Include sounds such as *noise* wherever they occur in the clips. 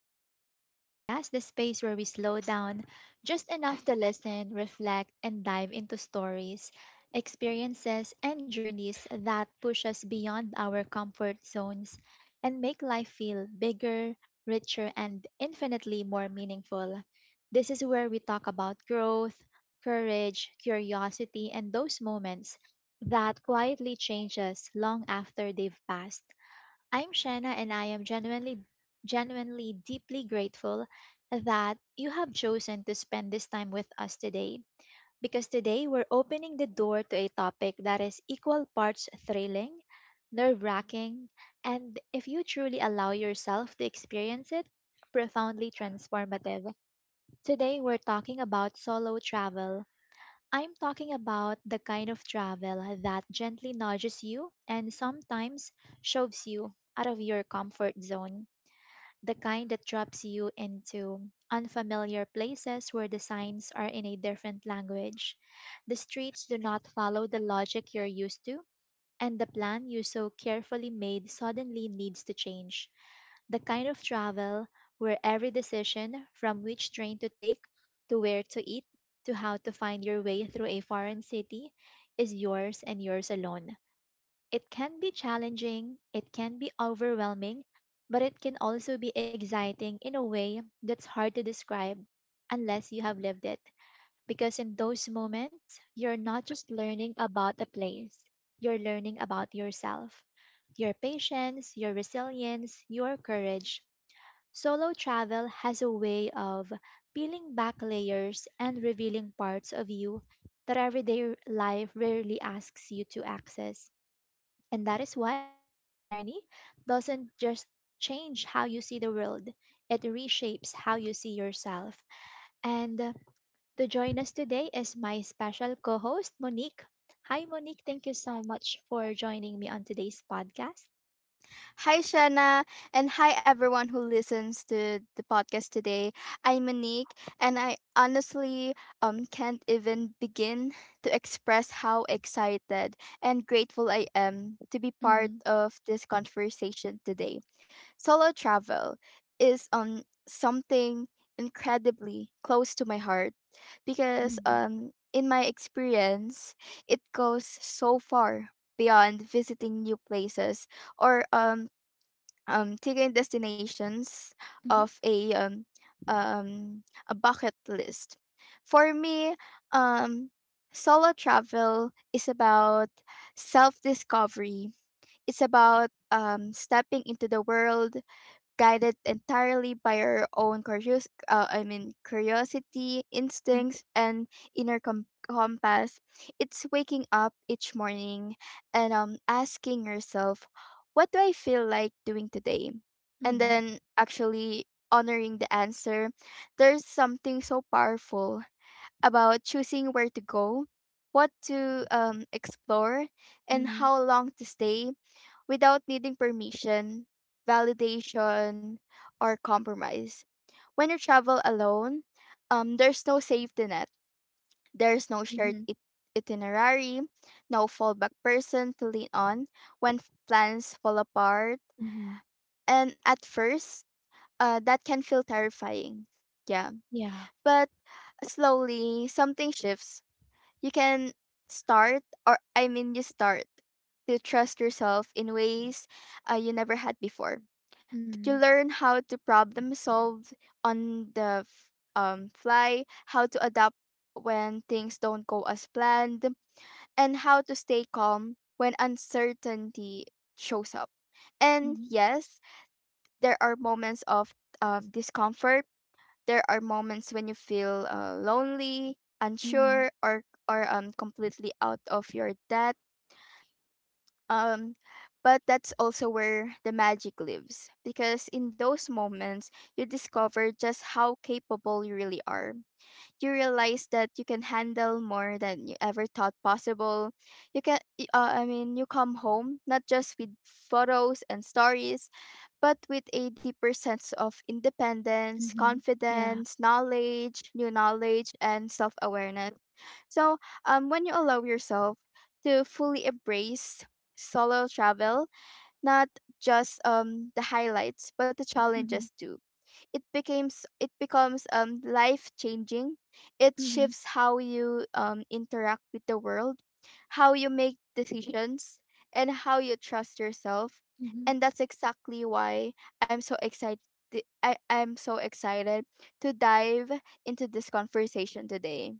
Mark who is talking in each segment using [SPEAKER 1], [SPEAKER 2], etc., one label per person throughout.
[SPEAKER 1] welcome back to my podcast, the space where we slow down just enough to listen, reflect, and dive into stories, experiences, and journeys that push us beyond our comfort zones and make life feel bigger, richer, and infinitely more meaningful. This is where we talk about growth, courage, curiosity, and those moments that quietly change us long after they've passed. I'm Shanna and I am genuinely deeply grateful that you have chosen to spend this time with us today because today we're opening the door to a topic that is equal parts thrilling, nerve-wracking, and if you truly allow yourself to experience it, profoundly transformative. Today we're talking about solo travel. I'm talking about the kind of travel that gently nudges you and sometimes shoves you out of your comfort zone. The kind that drops you into unfamiliar places where the signs are in a different language. The streets do not follow the logic you're used to, and the plan you so carefully made suddenly needs to change. The kind of travel where every decision, from which train to take, to where to eat, to how to find your way through a foreign city, is yours and yours alone. It can be challenging, it can be overwhelming, but it can also be exciting in a way that's hard to describe unless you have lived it. Because in those moments, you're not just learning about a place, you're learning about yourself, your patience, your resilience, your courage. Solo travel has a way of peeling back layers and revealing parts of you that everyday life rarely asks you to access. And that is why this kind of journey doesn't just change how you see the world, it reshapes how you see yourself. And to join us today is my special co host, Monique. Hi, Monique. Thank you so much for joining me on today's podcast.
[SPEAKER 2] Hi, Shanna, and hi, everyone who listens to the podcast today. I'm Monique, and I honestly can't even begin to express how excited and grateful I am to be part
[SPEAKER 1] Mm-hmm.
[SPEAKER 2] of this conversation today. Solo travel is something incredibly close to my heart because,
[SPEAKER 1] Mm-hmm.
[SPEAKER 2] in my experience, it goes so far beyond visiting new places or taking destinations of um, a bucket list. For me, um, solo travel is about self discovery. It's about stepping into the world guided entirely by our own curiosity,
[SPEAKER 1] Mm-hmm.
[SPEAKER 2] instincts, and inner compass. It's waking up each morning and asking yourself, what do I feel like doing today? And
[SPEAKER 1] Mm-hmm.
[SPEAKER 2] then actually honoring the answer. There's something so powerful about choosing where to go, what to explore, and
[SPEAKER 1] Mm-hmm.
[SPEAKER 2] how long to stay without needing permission, validation, or compromise. When you travel alone, there's no safety net, there's no shared
[SPEAKER 1] Mm-hmm.
[SPEAKER 2] itinerary, no fallback person to lean on when plans fall apart.
[SPEAKER 1] Mm-hmm.
[SPEAKER 2] And at first, that can feel terrifying. Yeah.
[SPEAKER 1] Yeah.
[SPEAKER 2] But slowly, something shifts. You can start, or I mean, you start to trust yourself in ways you never had before.
[SPEAKER 1] Mm-hmm.
[SPEAKER 2] You learn how to problem solve on the fly, how to adapt when things don't go as planned, and how to stay calm when uncertainty shows up. And
[SPEAKER 1] Mm-hmm.
[SPEAKER 2] yes, there are moments of discomfort. There are moments when you feel lonely,
[SPEAKER 1] Mm-hmm.
[SPEAKER 2] unsure, or completely out of your depth, um, but that's also where the magic lives because in those moments, you discover just how capable you really are. You realize that you can handle more than you ever thought possible. You can, y- I mean, you come home not just with photos and stories, but with a deeper sense of independence,
[SPEAKER 1] Mm-hmm. Yeah.
[SPEAKER 2] confidence, knowledge, new knowledge, and self awareness. So, when you allow yourself to fully embrace solo travel, not just the highlights but the
[SPEAKER 1] Mm-hmm.
[SPEAKER 2] challenges too, it becomes life changing. It
[SPEAKER 1] Mm-hmm.
[SPEAKER 2] shifts how you interact with the world, how you make decisions, and how you trust yourself.
[SPEAKER 1] Mm-hmm.
[SPEAKER 2] And that's exactly why I'm so excited. I'm so excited to dive into this conversation today.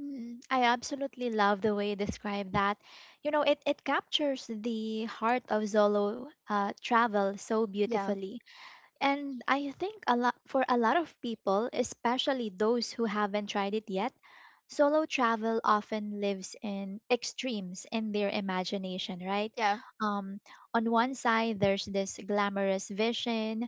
[SPEAKER 1] I absolutely love the way you describe that. You know, it captures the heart of Zolo travel so
[SPEAKER 2] Yeah,
[SPEAKER 1] beautifully. And I think a lot for a lot of people, especially those who haven't tried it yet, solo travel often lives in extremes in their imagination, right?
[SPEAKER 2] yeah.
[SPEAKER 1] Um, on one side, there's this glamorous vision,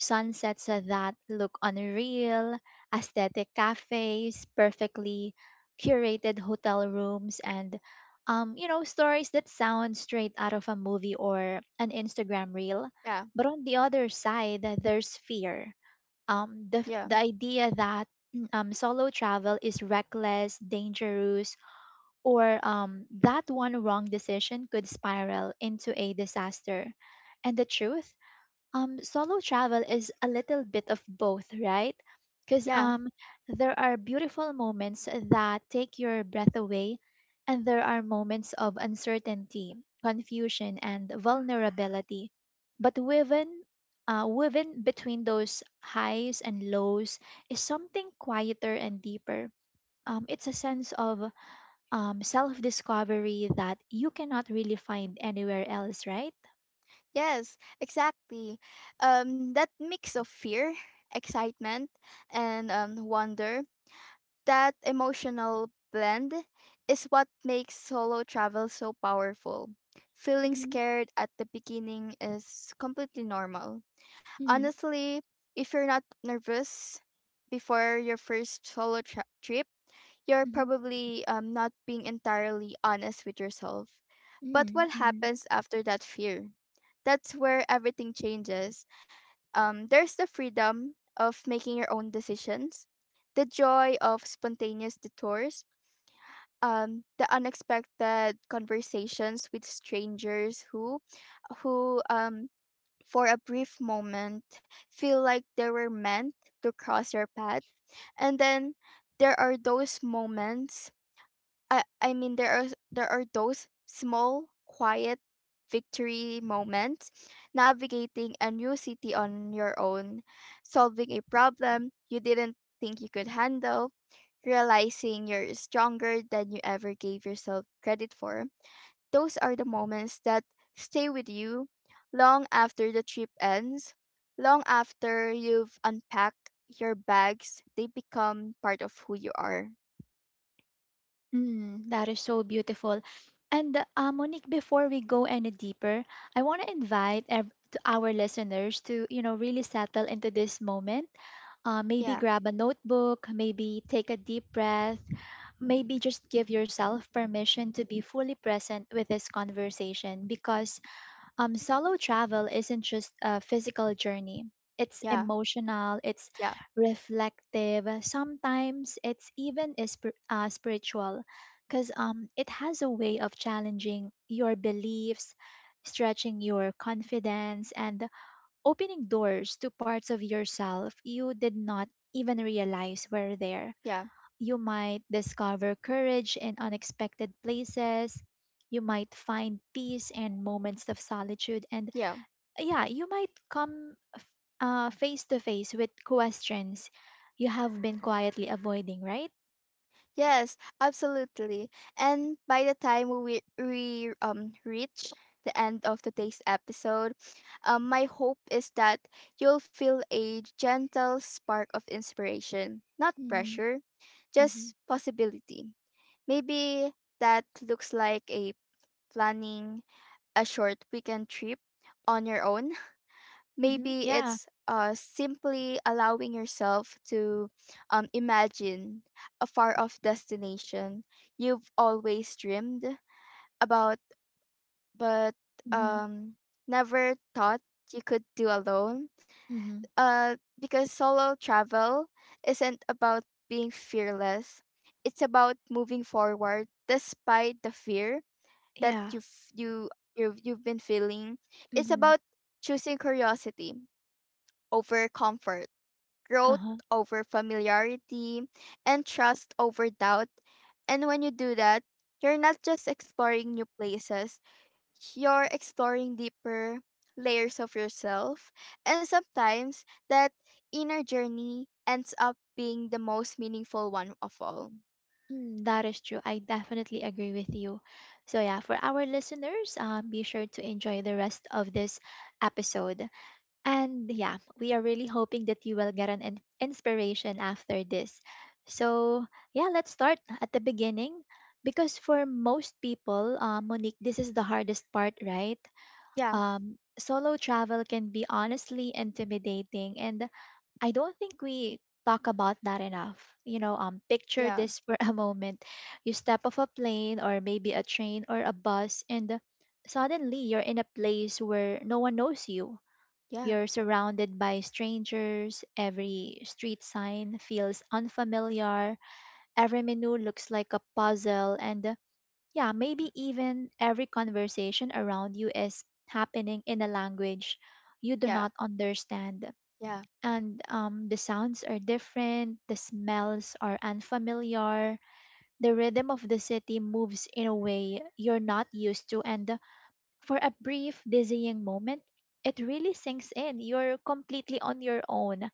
[SPEAKER 1] sunsets that look unreal, aesthetic cafes, perfectly curated hotel rooms, and you know, stories that sound straight out of a movie or an Instagram reel.
[SPEAKER 2] Yeah.
[SPEAKER 1] But on the other side, there's fear. Um, the
[SPEAKER 2] Yeah.
[SPEAKER 1] the idea that *clears throat* solo travel is reckless, dangerous, or that one wrong decision could spiral into a disaster. And the truth? Solo travel is a little bit of both, right? because
[SPEAKER 2] Yeah.
[SPEAKER 1] um there are beautiful moments that take your breath away and there are moments of uncertainty, confusion, and vulnerability, but woven between those highs and lows is something quieter and deeper. It's a sense of self-discovery that you cannot really find anywhere else, right?
[SPEAKER 2] Yes, exactly. That mix of fear, excitement, and wonder, that emotional blend is what makes solo travel so powerful. Feeling
[SPEAKER 1] Mm-hmm,
[SPEAKER 2] scared at the beginning is completely normal.
[SPEAKER 1] mm-hmm,
[SPEAKER 2] Honestly, if you're not nervous before your first solo trip, you're probably not being entirely honest with yourself. But
[SPEAKER 1] mm-hmm,
[SPEAKER 2] what
[SPEAKER 1] mm-hmm.
[SPEAKER 2] happens after that fear? That's where everything changes. There's the freedom of making your own decisions, the joy of spontaneous detours, the unexpected conversations with strangers who, for a brief moment, feel like they were meant to cross your path, and then there are those moments. There are those small quiet victory moments, navigating a new city on your own, solving a problem you didn't think you could handle, realizing you're stronger than you ever gave yourself credit for. Those are the moments that stay with you long after the trip ends, long after you've unpacked your bags. They become part of who you are.
[SPEAKER 1] Mm, that is so beautiful. And Monique, before we go any deeper, I want to invite ev- to our listeners to, you know, really settle into this moment. Maybe
[SPEAKER 2] Yeah,
[SPEAKER 1] grab a notebook, maybe take a deep breath, maybe just give yourself permission to be fully present with this conversation because solo travel isn't just a physical journey. It's
[SPEAKER 2] yeah,
[SPEAKER 1] emotional, it's
[SPEAKER 2] yeah,
[SPEAKER 1] reflective, sometimes it's even spiritual because it has a way of challenging your beliefs, stretching your confidence, and opening doors to parts of yourself you did not even realize were there.
[SPEAKER 2] yeah.
[SPEAKER 1] You might discover courage in unexpected places, you might find peace in moments of solitude, and
[SPEAKER 2] Yeah.
[SPEAKER 1] yeah, you might come face to face with questions you have been quietly avoiding, right?
[SPEAKER 2] Yes, absolutely. And by the time we reach the end of today's episode, my hope is that you'll feel a gentle spark of inspiration, not
[SPEAKER 1] Mm-hmm.
[SPEAKER 2] pressure,
[SPEAKER 1] Mm-hmm.
[SPEAKER 2] just possibility. Maybe that looks like a planning a short weekend trip on your own.
[SPEAKER 1] Mm-hmm. Yeah.
[SPEAKER 2] Maybe it's simply allowing yourself to imagine a far off destination you've always dreamed about, but
[SPEAKER 1] Mm-hmm.
[SPEAKER 2] um, never thought you could do alone,
[SPEAKER 1] Mm-hmm.
[SPEAKER 2] because solo travel isn't about being fearless. It's about moving forward despite the fear that
[SPEAKER 1] Yeah.
[SPEAKER 2] you you've been feeling. It's
[SPEAKER 1] Mm-hmm.
[SPEAKER 2] about choosing curiosity over comfort, growth
[SPEAKER 1] Uh-huh.
[SPEAKER 2] over familiarity, and trust over doubt. And when you do that, you're not just exploring new places, you're exploring deeper layers of yourself. And sometimes that inner journey ends up being the most meaningful one of all.
[SPEAKER 1] Mm, that is true. I definitely agree with you. So yeah, for our listeners, be sure to enjoy the rest of this episode. And yeah, we are really hoping that you will get an inspiration after this. So, yeah, let's start at the beginning because for most people, Monique, this is the hardest part, right?
[SPEAKER 2] Yeah,
[SPEAKER 1] Solo travel can be honestly intimidating, and I don't think we talk about that enough. You know, picture
[SPEAKER 2] yeah,
[SPEAKER 1] this for *laughs* a moment. You step off a plane or maybe a train or a bus, and suddenly you're in a place where no one knows you.
[SPEAKER 2] yeah,
[SPEAKER 1] You're surrounded by strangers, every street sign feels unfamiliar, every menu looks like a puzzle, and yeah, maybe even every conversation around you is happening in a language you do
[SPEAKER 2] yeah,
[SPEAKER 1] not understand.
[SPEAKER 2] yeah,
[SPEAKER 1] And the sounds are different, the smells are unfamiliar, the rhythm of the city moves in a way you're not used to, and for a brief, dizzying moment, it really sinks in. You're completely on your own.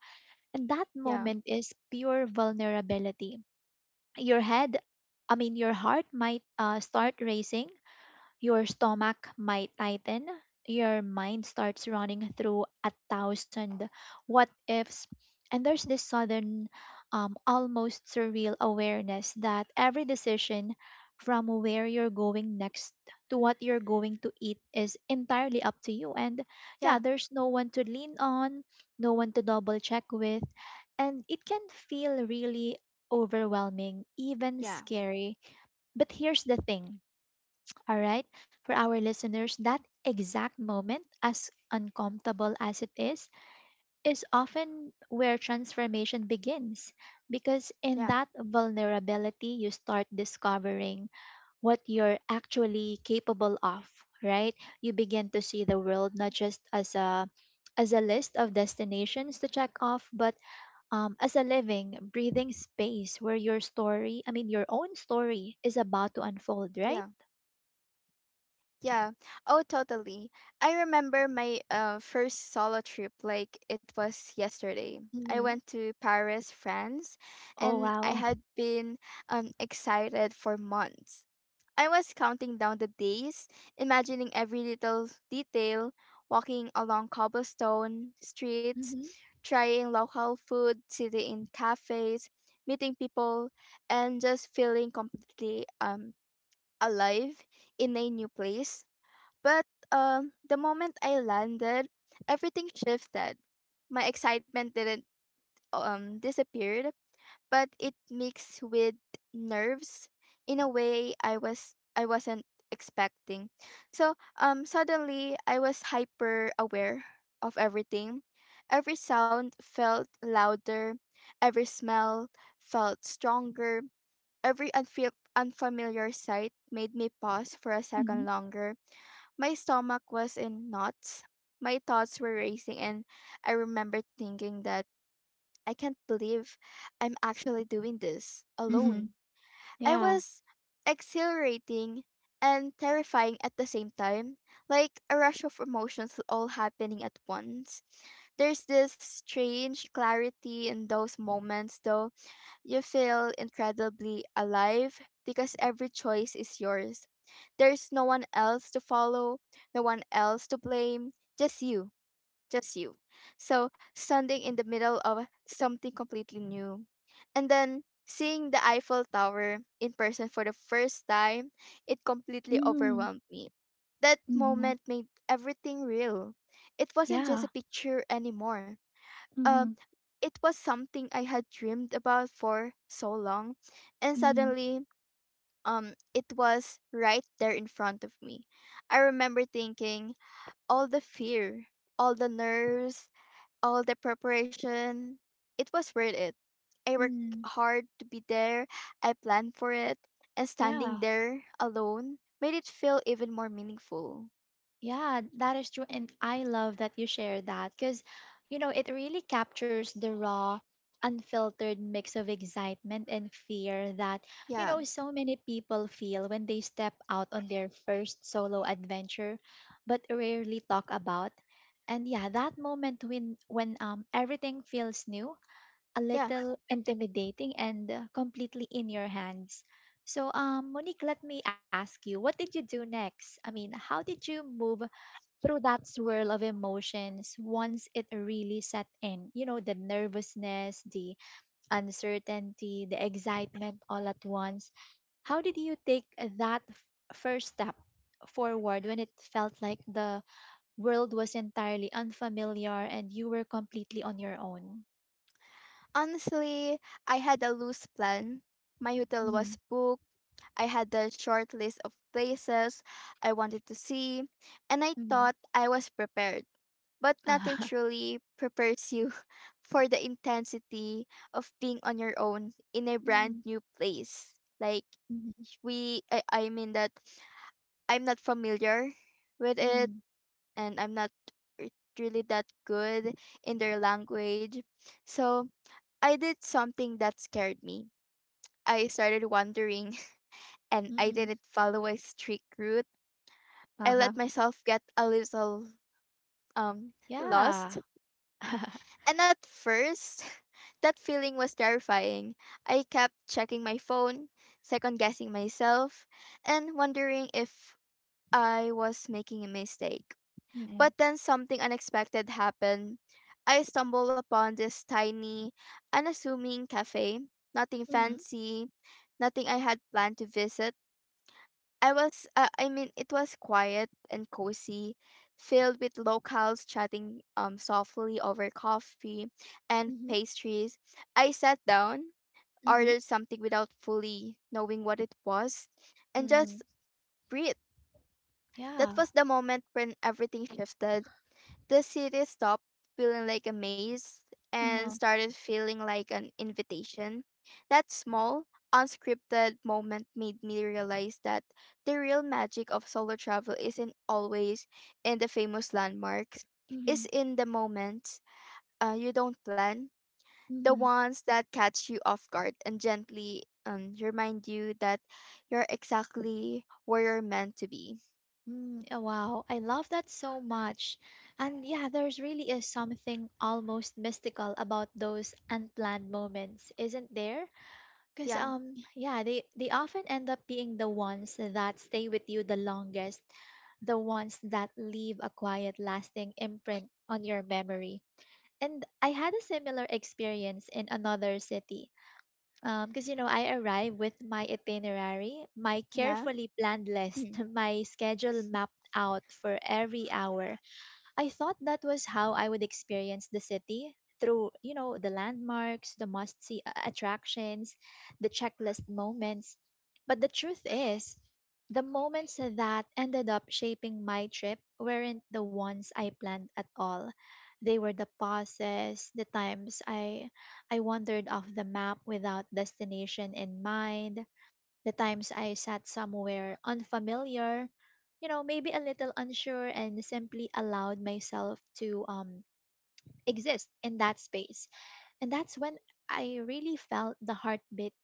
[SPEAKER 1] And that
[SPEAKER 2] yeah,
[SPEAKER 1] moment is pure vulnerability. Your head, I mean, your heart might start racing, your stomach might tighten. Your mind starts running through a thousand what ifs. And there's this sudden, almost surreal awareness that every decision, from where you're going next to what you're going to eat, is entirely up to you. And
[SPEAKER 2] yeah,
[SPEAKER 1] yeah, there's no one to lean on, no one to double check with. And it can feel really overwhelming, even
[SPEAKER 2] yeah,
[SPEAKER 1] scary. But here's the thing, all right, for our listeners, that exact moment, as uncomfortable as it is often where transformation begins. Because in
[SPEAKER 2] yeah,
[SPEAKER 1] that vulnerability, you start discovering what you're actually capable of, right? You begin to see the world not just as a list of destinations to check off, but as a living, breathing space where your own story is about to unfold, right?
[SPEAKER 2] yeah. Yeah. Oh, totally. I remember my first solo trip like it was yesterday. I went to Paris, France,
[SPEAKER 1] Oh,
[SPEAKER 2] and I
[SPEAKER 1] wow.
[SPEAKER 2] had been excited for months. I was counting down the days, imagining every little detail, walking along cobblestone streets,
[SPEAKER 1] Mhm.
[SPEAKER 2] trying local food, sitting in cafes, meeting people, and just feeling completely alive in a new place. But the moment I landed, everything shifted. My excitement didn't disappeared, but it mixed with nerves in a way I wasn't expecting. So suddenly I was hyper aware of everything. Every sound felt louder, every smell felt stronger, every unfamiliar sight made me pause for a second
[SPEAKER 1] Mhm.
[SPEAKER 2] longer. My stomach was in knots. My thoughts were racing, and I remember thinking that I can't believe I'm actually doing this
[SPEAKER 1] Mhm.
[SPEAKER 2] alone. I
[SPEAKER 1] Yeah.
[SPEAKER 2] was exhilarating and terrifying at the same time, like a rush of emotions all happening at once. There's this strange clarity in those moments, though. You feel incredibly alive because every choice is yours. There's no one else to follow, no one else to blame, just you, just you. So, standing in the middle of something completely new. And then seeing the Eiffel Tower in person for the first time, it completely
[SPEAKER 1] Mhm.
[SPEAKER 2] overwhelmed me. That
[SPEAKER 1] Mhm.
[SPEAKER 2] moment made everything real. It wasn't
[SPEAKER 1] Yeah.
[SPEAKER 2] just a picture anymore. Um,
[SPEAKER 1] Mhm.
[SPEAKER 2] it was something I had dreamed about for so long, and
[SPEAKER 1] Mhm.
[SPEAKER 2] suddenly, it was right there in front of me. I remember thinking all the fear, all the nerves, all the preparation. It was worth it. I worked
[SPEAKER 1] Mhm.
[SPEAKER 2] hard to be there. I planned for it, and standing
[SPEAKER 1] Yeah,
[SPEAKER 2] there alone made it feel even more meaningful.
[SPEAKER 1] yeah, that is true. And I love that you share that because, you know, it really captures the raw, unfiltered mix of excitement and fear that, you
[SPEAKER 2] Yeah,
[SPEAKER 1] know, so many people feel when they step out on their first solo adventure, but rarely talk about. And yeah, that moment when everything feels new, a
[SPEAKER 2] yeah.
[SPEAKER 1] little intimidating, and completely in your hands. So, Monique, let me ask you, what did you do next? I mean, how did you move through that swirl of emotions once it really set in? You know, the nervousness, the uncertainty, the excitement all at once. How did you take that first step forward when it felt like the world was entirely unfamiliar and you were completely on your own?
[SPEAKER 2] Honestly, I had a loose plan. My hotel was
[SPEAKER 1] Mm-hmm.
[SPEAKER 2] booked. I had the short list of places I wanted to see, and I thought I was prepared. But nothing
[SPEAKER 1] *laughs*
[SPEAKER 2] truly prepares you *laughs* for the intensity of being on your own in a brand
[SPEAKER 1] Mm,
[SPEAKER 2] new place. Like
[SPEAKER 1] Hmm.
[SPEAKER 2] we I mean that I'm not familiar with it,
[SPEAKER 1] mm,
[SPEAKER 2] and I'm not r- really that good in their language. So I did something that scared me. I started wondering, and I
[SPEAKER 1] mm.
[SPEAKER 2] didn't follow a strict route. I
[SPEAKER 1] Uh-huh.
[SPEAKER 2] let myself get a little um
[SPEAKER 1] Yeah.
[SPEAKER 2] lost.
[SPEAKER 1] *laughs*
[SPEAKER 2] And at first, *laughs* that feeling was terrifying. I kept checking my phone, second guessing myself, and wondering if I was making a mistake.
[SPEAKER 1] Mm-mm.
[SPEAKER 2] But then something unexpected happened. I stumbled upon this tiny, unassuming cafe. Nothing
[SPEAKER 1] Mhm,
[SPEAKER 2] fancy, nothing I had planned to visit. I was, I mean, it was quiet and cozy, filled with locals chatting softly over coffee and
[SPEAKER 1] mhm,
[SPEAKER 2] pastries. I sat down,
[SPEAKER 1] mhm,
[SPEAKER 2] ordered something without fully knowing what it was, and
[SPEAKER 1] mhm.
[SPEAKER 2] just breathed. That
[SPEAKER 1] Yeah.
[SPEAKER 2] was the moment when everything shifted. The city stopped feeling like a maze and
[SPEAKER 1] Uh-huh.
[SPEAKER 2] started feeling like an invitation. That small, unscripted moment made me realize that the real magic of solo travel isn't always in the famous landmarks, it's
[SPEAKER 1] Mhm,
[SPEAKER 2] in the moments you don't plan, the
[SPEAKER 1] mhm.
[SPEAKER 2] ones that catch you off guard and gently remind you that you're exactly where you're meant to be.
[SPEAKER 1] Mm, oh, wow, I love that so much. And yeah, there's really is something almost mystical about those unplanned moments, isn't there? Because
[SPEAKER 2] Yeah,
[SPEAKER 1] yeah, they often end up being the ones that stay with you the longest, the ones that leave a quiet lasting imprint on your memory. And I had a similar experience in another city. Because, you know, I arrived with my itinerary, my
[SPEAKER 2] yeah,
[SPEAKER 1] carefully planned list,
[SPEAKER 2] hmm,
[SPEAKER 1] *laughs* my schedule mapped out for every hour. I thought that was how I would experience the city through, you know, the landmarks, the must see attractions, the checklist moments. But the truth is, the moments that ended up shaping my trip weren't the ones I planned at all. They were the pauses, the times I wandered off the map without destination in mind, the times I sat somewhere unfamiliar, you know, maybe a little unsure, and simply allowed myself to exist in that space. And that's when I really felt the heartbeat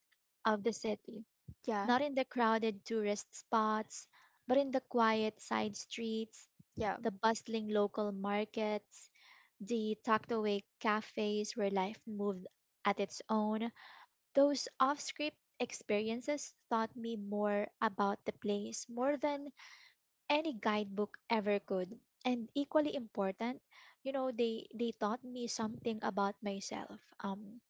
[SPEAKER 1] of the city,
[SPEAKER 2] yeah,
[SPEAKER 1] not in the crowded tourist spots, but in the quiet side streets,
[SPEAKER 2] yeah,
[SPEAKER 1] the bustling local markets, the tucked away cafes where life moved at its own. Those off script experiences taught me more about the place, more than any guidebook ever could. And equally important, you know, they taught me something about myself. Um,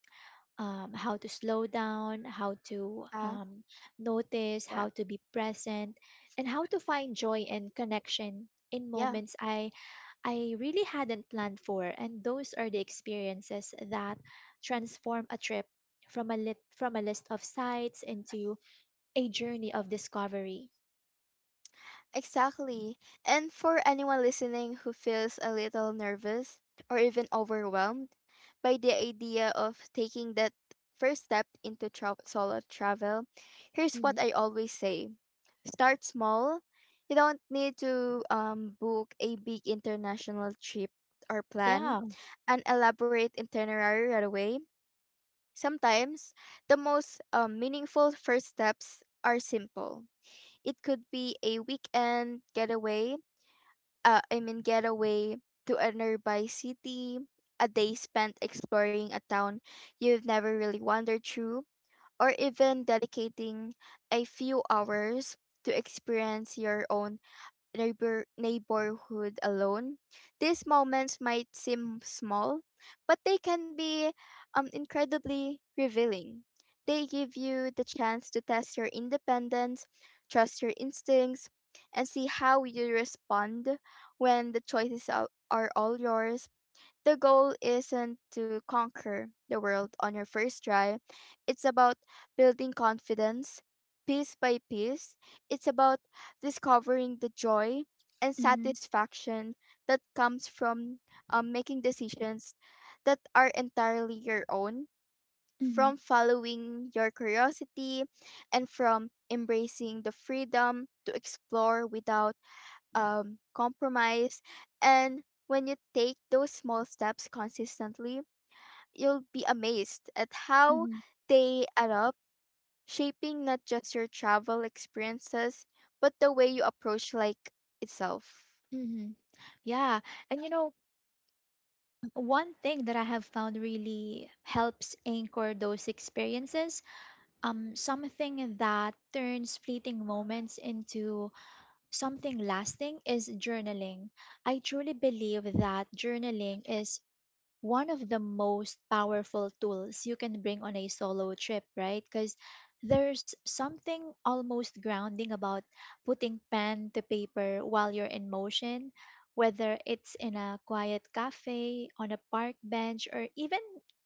[SPEAKER 1] um, How to slow down, how to
[SPEAKER 2] uh,
[SPEAKER 1] notice,
[SPEAKER 2] yeah.
[SPEAKER 1] how to be present, and how to find joy and connection in
[SPEAKER 2] Yeah.
[SPEAKER 1] moments I really hadn't planned for, and those are the experiences that transform a trip from a list of sites into a journey of discovery.
[SPEAKER 2] Exactly. And for anyone listening who feels a little nervous or even overwhelmed by the idea of taking that first step into solo travel, here's
[SPEAKER 1] Mhm.
[SPEAKER 2] what I always say: start small. You don't need to book a big international trip or plan
[SPEAKER 1] Yeah.
[SPEAKER 2] an elaborate itinerary right away. Sometimes the most meaningful first steps are simple. It could be a weekend getaway to a nearby city, a day spent exploring a town you've never really wandered through, or even dedicating a few hours to experience your own neighborhood alone. These moments might seem small, but they can be incredibly revealing. They give you the chance to test your independence, trust your instincts, and see how you respond when the choices are all yours. The goal isn't to conquer the world on your first try. It's about building confidence piece by piece. It's about discovering the joy and
[SPEAKER 1] hmm
[SPEAKER 2] satisfaction that comes from making decisions that are entirely your own,
[SPEAKER 1] hmm
[SPEAKER 2] from following your curiosity, and from embracing the freedom to explore without compromise. And when you take those small steps consistently, you'll be amazed at how
[SPEAKER 1] hmm
[SPEAKER 2] they add up, shaping not just your travel experiences, but the way you approach like itself.
[SPEAKER 1] hmm Yeah. And you know, one thing that I have found really helps anchor those experiences, something that turns fleeting moments into something lasting is journaling. I truly believe that journaling is one of the most powerful tools you can bring on a solo trip, right? Because there's something almost grounding about putting pen to paper while you're in motion, whether it's in a quiet cafe, on a park bench, or even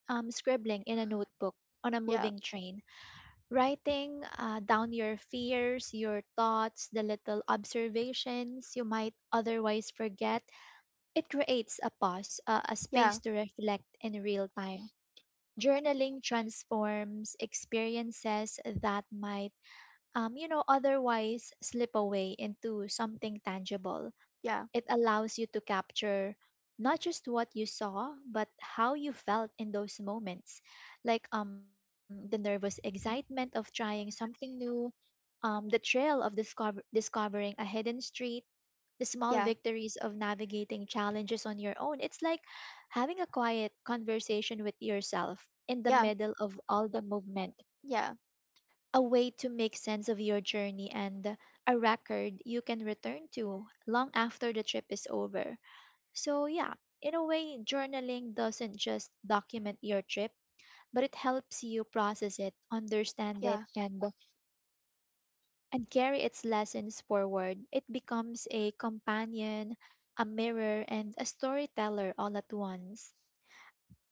[SPEAKER 1] scribbling in a notebook on a
[SPEAKER 2] Yeah,
[SPEAKER 1] moving train. Writing down your fears, your thoughts, the little observations you might otherwise forget it creates a pause, a space
[SPEAKER 2] yeah,
[SPEAKER 1] to reflect in real time. Journaling transforms experiences that might otherwise slip away into something tangible.
[SPEAKER 2] yeah,
[SPEAKER 1] It allows you to capture not just what you saw, but how you felt in those moments, like the nervous excitement of trying something new, the thrill of discovering a hidden street, the small
[SPEAKER 2] yeah,
[SPEAKER 1] victories of navigating challenges on your own. It's like having a quiet conversation with yourself in the
[SPEAKER 2] yeah,
[SPEAKER 1] middle of all the movement,
[SPEAKER 2] yeah,
[SPEAKER 1] a way to make sense of your journey and a record you can return to long after the trip is over. So, yeah, in a way, journaling doesn't just document your trip, but it helps you process it, understand it,
[SPEAKER 2] yeah.
[SPEAKER 1] and carry its lessons forward. It becomes a companion, a mirror, and a storyteller all at once.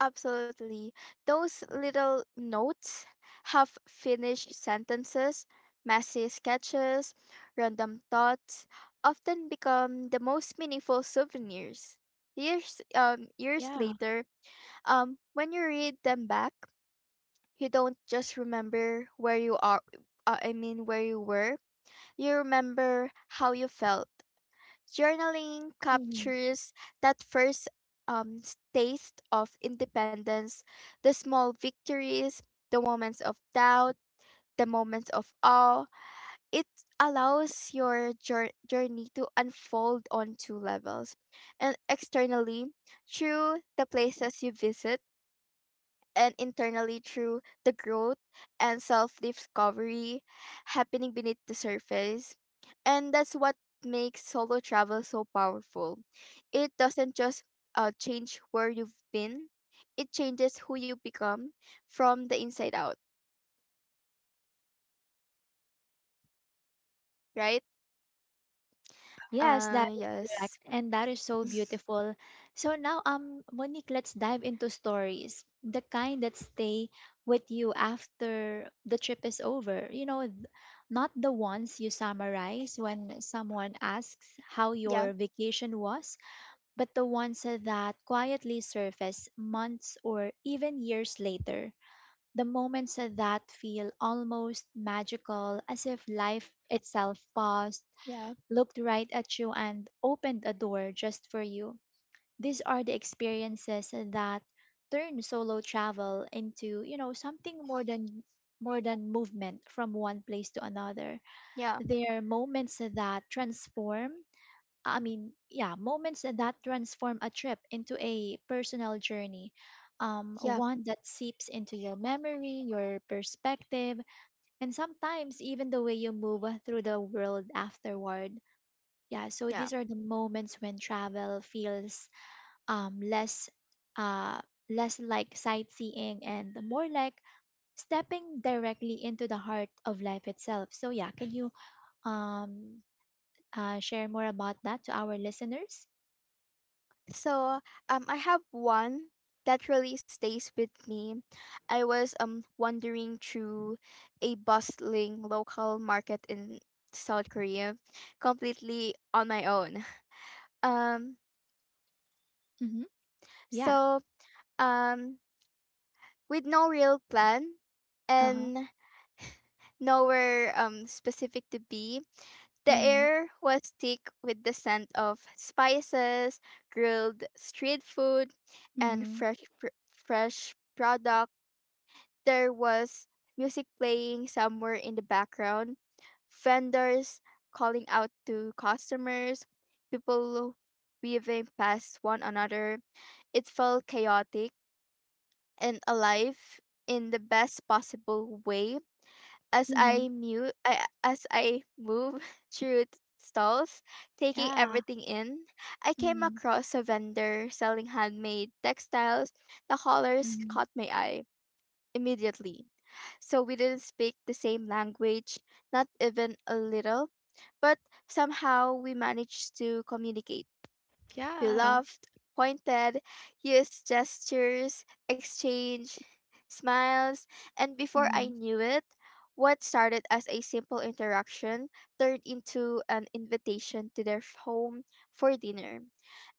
[SPEAKER 2] Absolutely. Those little notes, half finished sentences, messy sketches, random thoughts often become the most meaningful souvenirs. Years
[SPEAKER 1] Yeah.
[SPEAKER 2] later, when you read them back, you don't just remember where you are I mean where you were, you remember how you felt. Journaling
[SPEAKER 1] Hmm.
[SPEAKER 2] captures that first taste of independence, the small victories, the moments of doubt, the moments of awe. It allows your journey to unfold on two levels, And externally through the places you visit, and internally through the growth and self discovery happening beneath the surface. And that's what makes solo travel so powerful. It doesn't just change where you've been, it changes who you become from the inside out, right?
[SPEAKER 1] Yes, that is correct.
[SPEAKER 2] Yes.
[SPEAKER 1] And that is so
[SPEAKER 2] *laughs*
[SPEAKER 1] beautiful. So now, Monique, let's dive into stories, the kind that stay with you after the trip is over. You know, not the ones you summarize when someone asks how your
[SPEAKER 2] Yeah,
[SPEAKER 1] vacation was, but the ones that quietly surface months or even years later, the moments that feel almost magical, as if life itself paused,
[SPEAKER 2] yeah,
[SPEAKER 1] looked right at you, and opened a door just for you. These are the experiences that turn solo travel into, you know, something more than movement from one place to another.
[SPEAKER 2] yeah,
[SPEAKER 1] They are moments that transform I mean, yeah, moments that transform a trip into a personal journey,
[SPEAKER 2] yeah,
[SPEAKER 1] one that seeps into your memory, your perspective, and sometimes even the way you move through the world afterward. Yeah, so
[SPEAKER 2] yeah.
[SPEAKER 1] these are the moments when travel feels um, less, uh, less like sightseeing and more like stepping directly into the heart of life itself. So yeah, can you um, share more about that to our listeners?
[SPEAKER 2] So, I have one that really stays with me. I was wandering through a bustling local market in South Korea, completely on my own. *laughs* Um,
[SPEAKER 1] Mm-hmm. Yeah.
[SPEAKER 2] so um, with no real plan
[SPEAKER 1] Uh-huh.
[SPEAKER 2] and nowhere specific to be, the
[SPEAKER 1] Mhm.
[SPEAKER 2] air was thick with the scent of spices, grilled street food, and
[SPEAKER 1] Mhm.
[SPEAKER 2] fresh products. There was music playing somewhere in the background, vendors calling out to customers, people weaving past one another. It felt chaotic and alive in the best possible way.
[SPEAKER 1] Mhm.
[SPEAKER 2] As I move *laughs* stalls, taking
[SPEAKER 1] Yeah.
[SPEAKER 2] everything in, I came
[SPEAKER 1] Mhm.
[SPEAKER 2] across a vendor selling handmade textiles. The colors
[SPEAKER 1] Mhm.
[SPEAKER 2] caught my eye immediately. So we didn't speak the same language, not even a little, but somehow we managed to communicate.
[SPEAKER 1] Yeah.
[SPEAKER 2] Beloved, pointed, used gestures, exchange, smiles, and before I
[SPEAKER 1] Mhm.
[SPEAKER 2] knew it, what started as a simple interaction turned into an invitation to their home for dinner.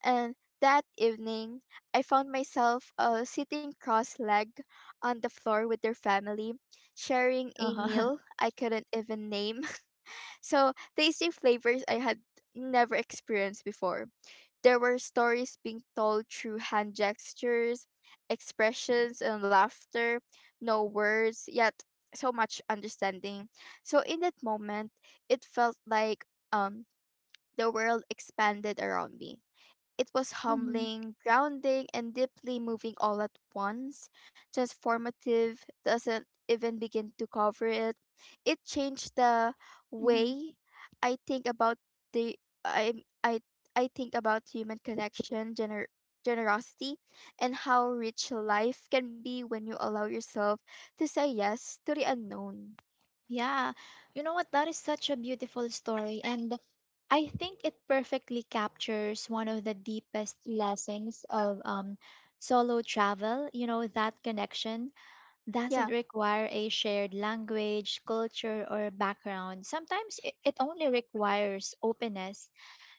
[SPEAKER 2] And that evening, I found myself sitting cross legged on the floor with their family, sharing a
[SPEAKER 1] Uh-huh.
[SPEAKER 2] meal I couldn't even name. *laughs* So, tasting flavors I had never experienced before. There were stories being told through hand gestures, expressions, and laughter, no words, yet so much understanding. So in that moment, it felt like um the world expanded around me. It was
[SPEAKER 1] *laughs* Mhm.
[SPEAKER 2] humbling, grounding, and deeply moving all at once. Transformative doesn't even begin to cover it. It changed the
[SPEAKER 1] Mhm.
[SPEAKER 2] way I think about the I I I think about human connection, generosity, and how rich life can be when you allow yourself to say yes to the unknown.
[SPEAKER 1] Yeah, you know what? That is such a beautiful story, and I think it perfectly captures one of the deepest lessons of solo travel. You know, that connection
[SPEAKER 2] Yeah,
[SPEAKER 1] doesn't require a shared language, culture, or background. Sometimes it only requires openness.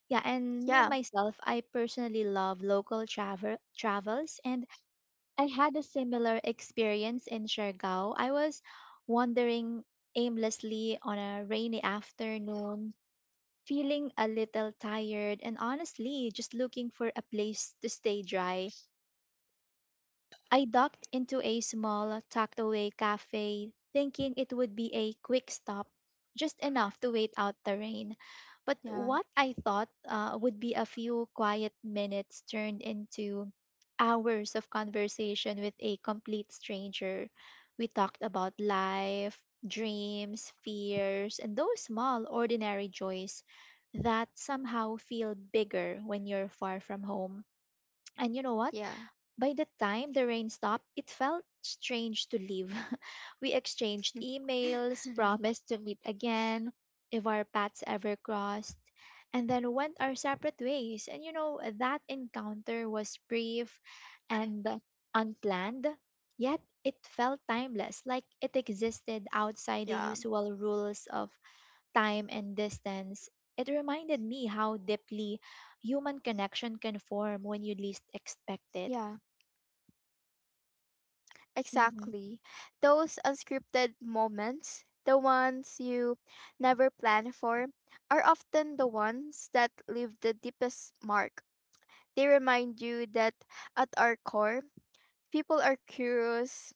[SPEAKER 1] Yeah, and me
[SPEAKER 2] yeah,
[SPEAKER 1] myself, I personally love local travel travels, and I had a similar experience in Siargao. I was wandering aimlessly on a rainy afternoon, feeling a little tired, and honestly, just looking for a place to stay dry. I ducked into a small, tucked away cafe, thinking it would be a quick stop, just enough to wait out the rain. But
[SPEAKER 2] yeah,
[SPEAKER 1] what I thought would be a few quiet minutes turned into hours of conversation with a complete stranger. We talked about life, dreams, fears, and those small, ordinary joys that somehow feel bigger when you're far from home. And you know what?
[SPEAKER 2] yeah,
[SPEAKER 1] By the time the rain stopped, it felt strange to leave. *laughs* We exchanged emails,
[SPEAKER 2] *laughs*
[SPEAKER 1] promised to meet again if our paths ever crossed, and then went our separate ways. And you know, that encounter was brief and unplanned, yet it felt timeless, like it existed outside the
[SPEAKER 2] yeah,
[SPEAKER 1] usual rules of time and distance. It reminded me how deeply human connection can form when you least expect it.
[SPEAKER 2] yeah.
[SPEAKER 1] Mm-hmm.
[SPEAKER 2] Exactly. Those unscripted moments, the ones you never plan for, are often the ones that leave the deepest mark. They remind you that at our core, people are curious,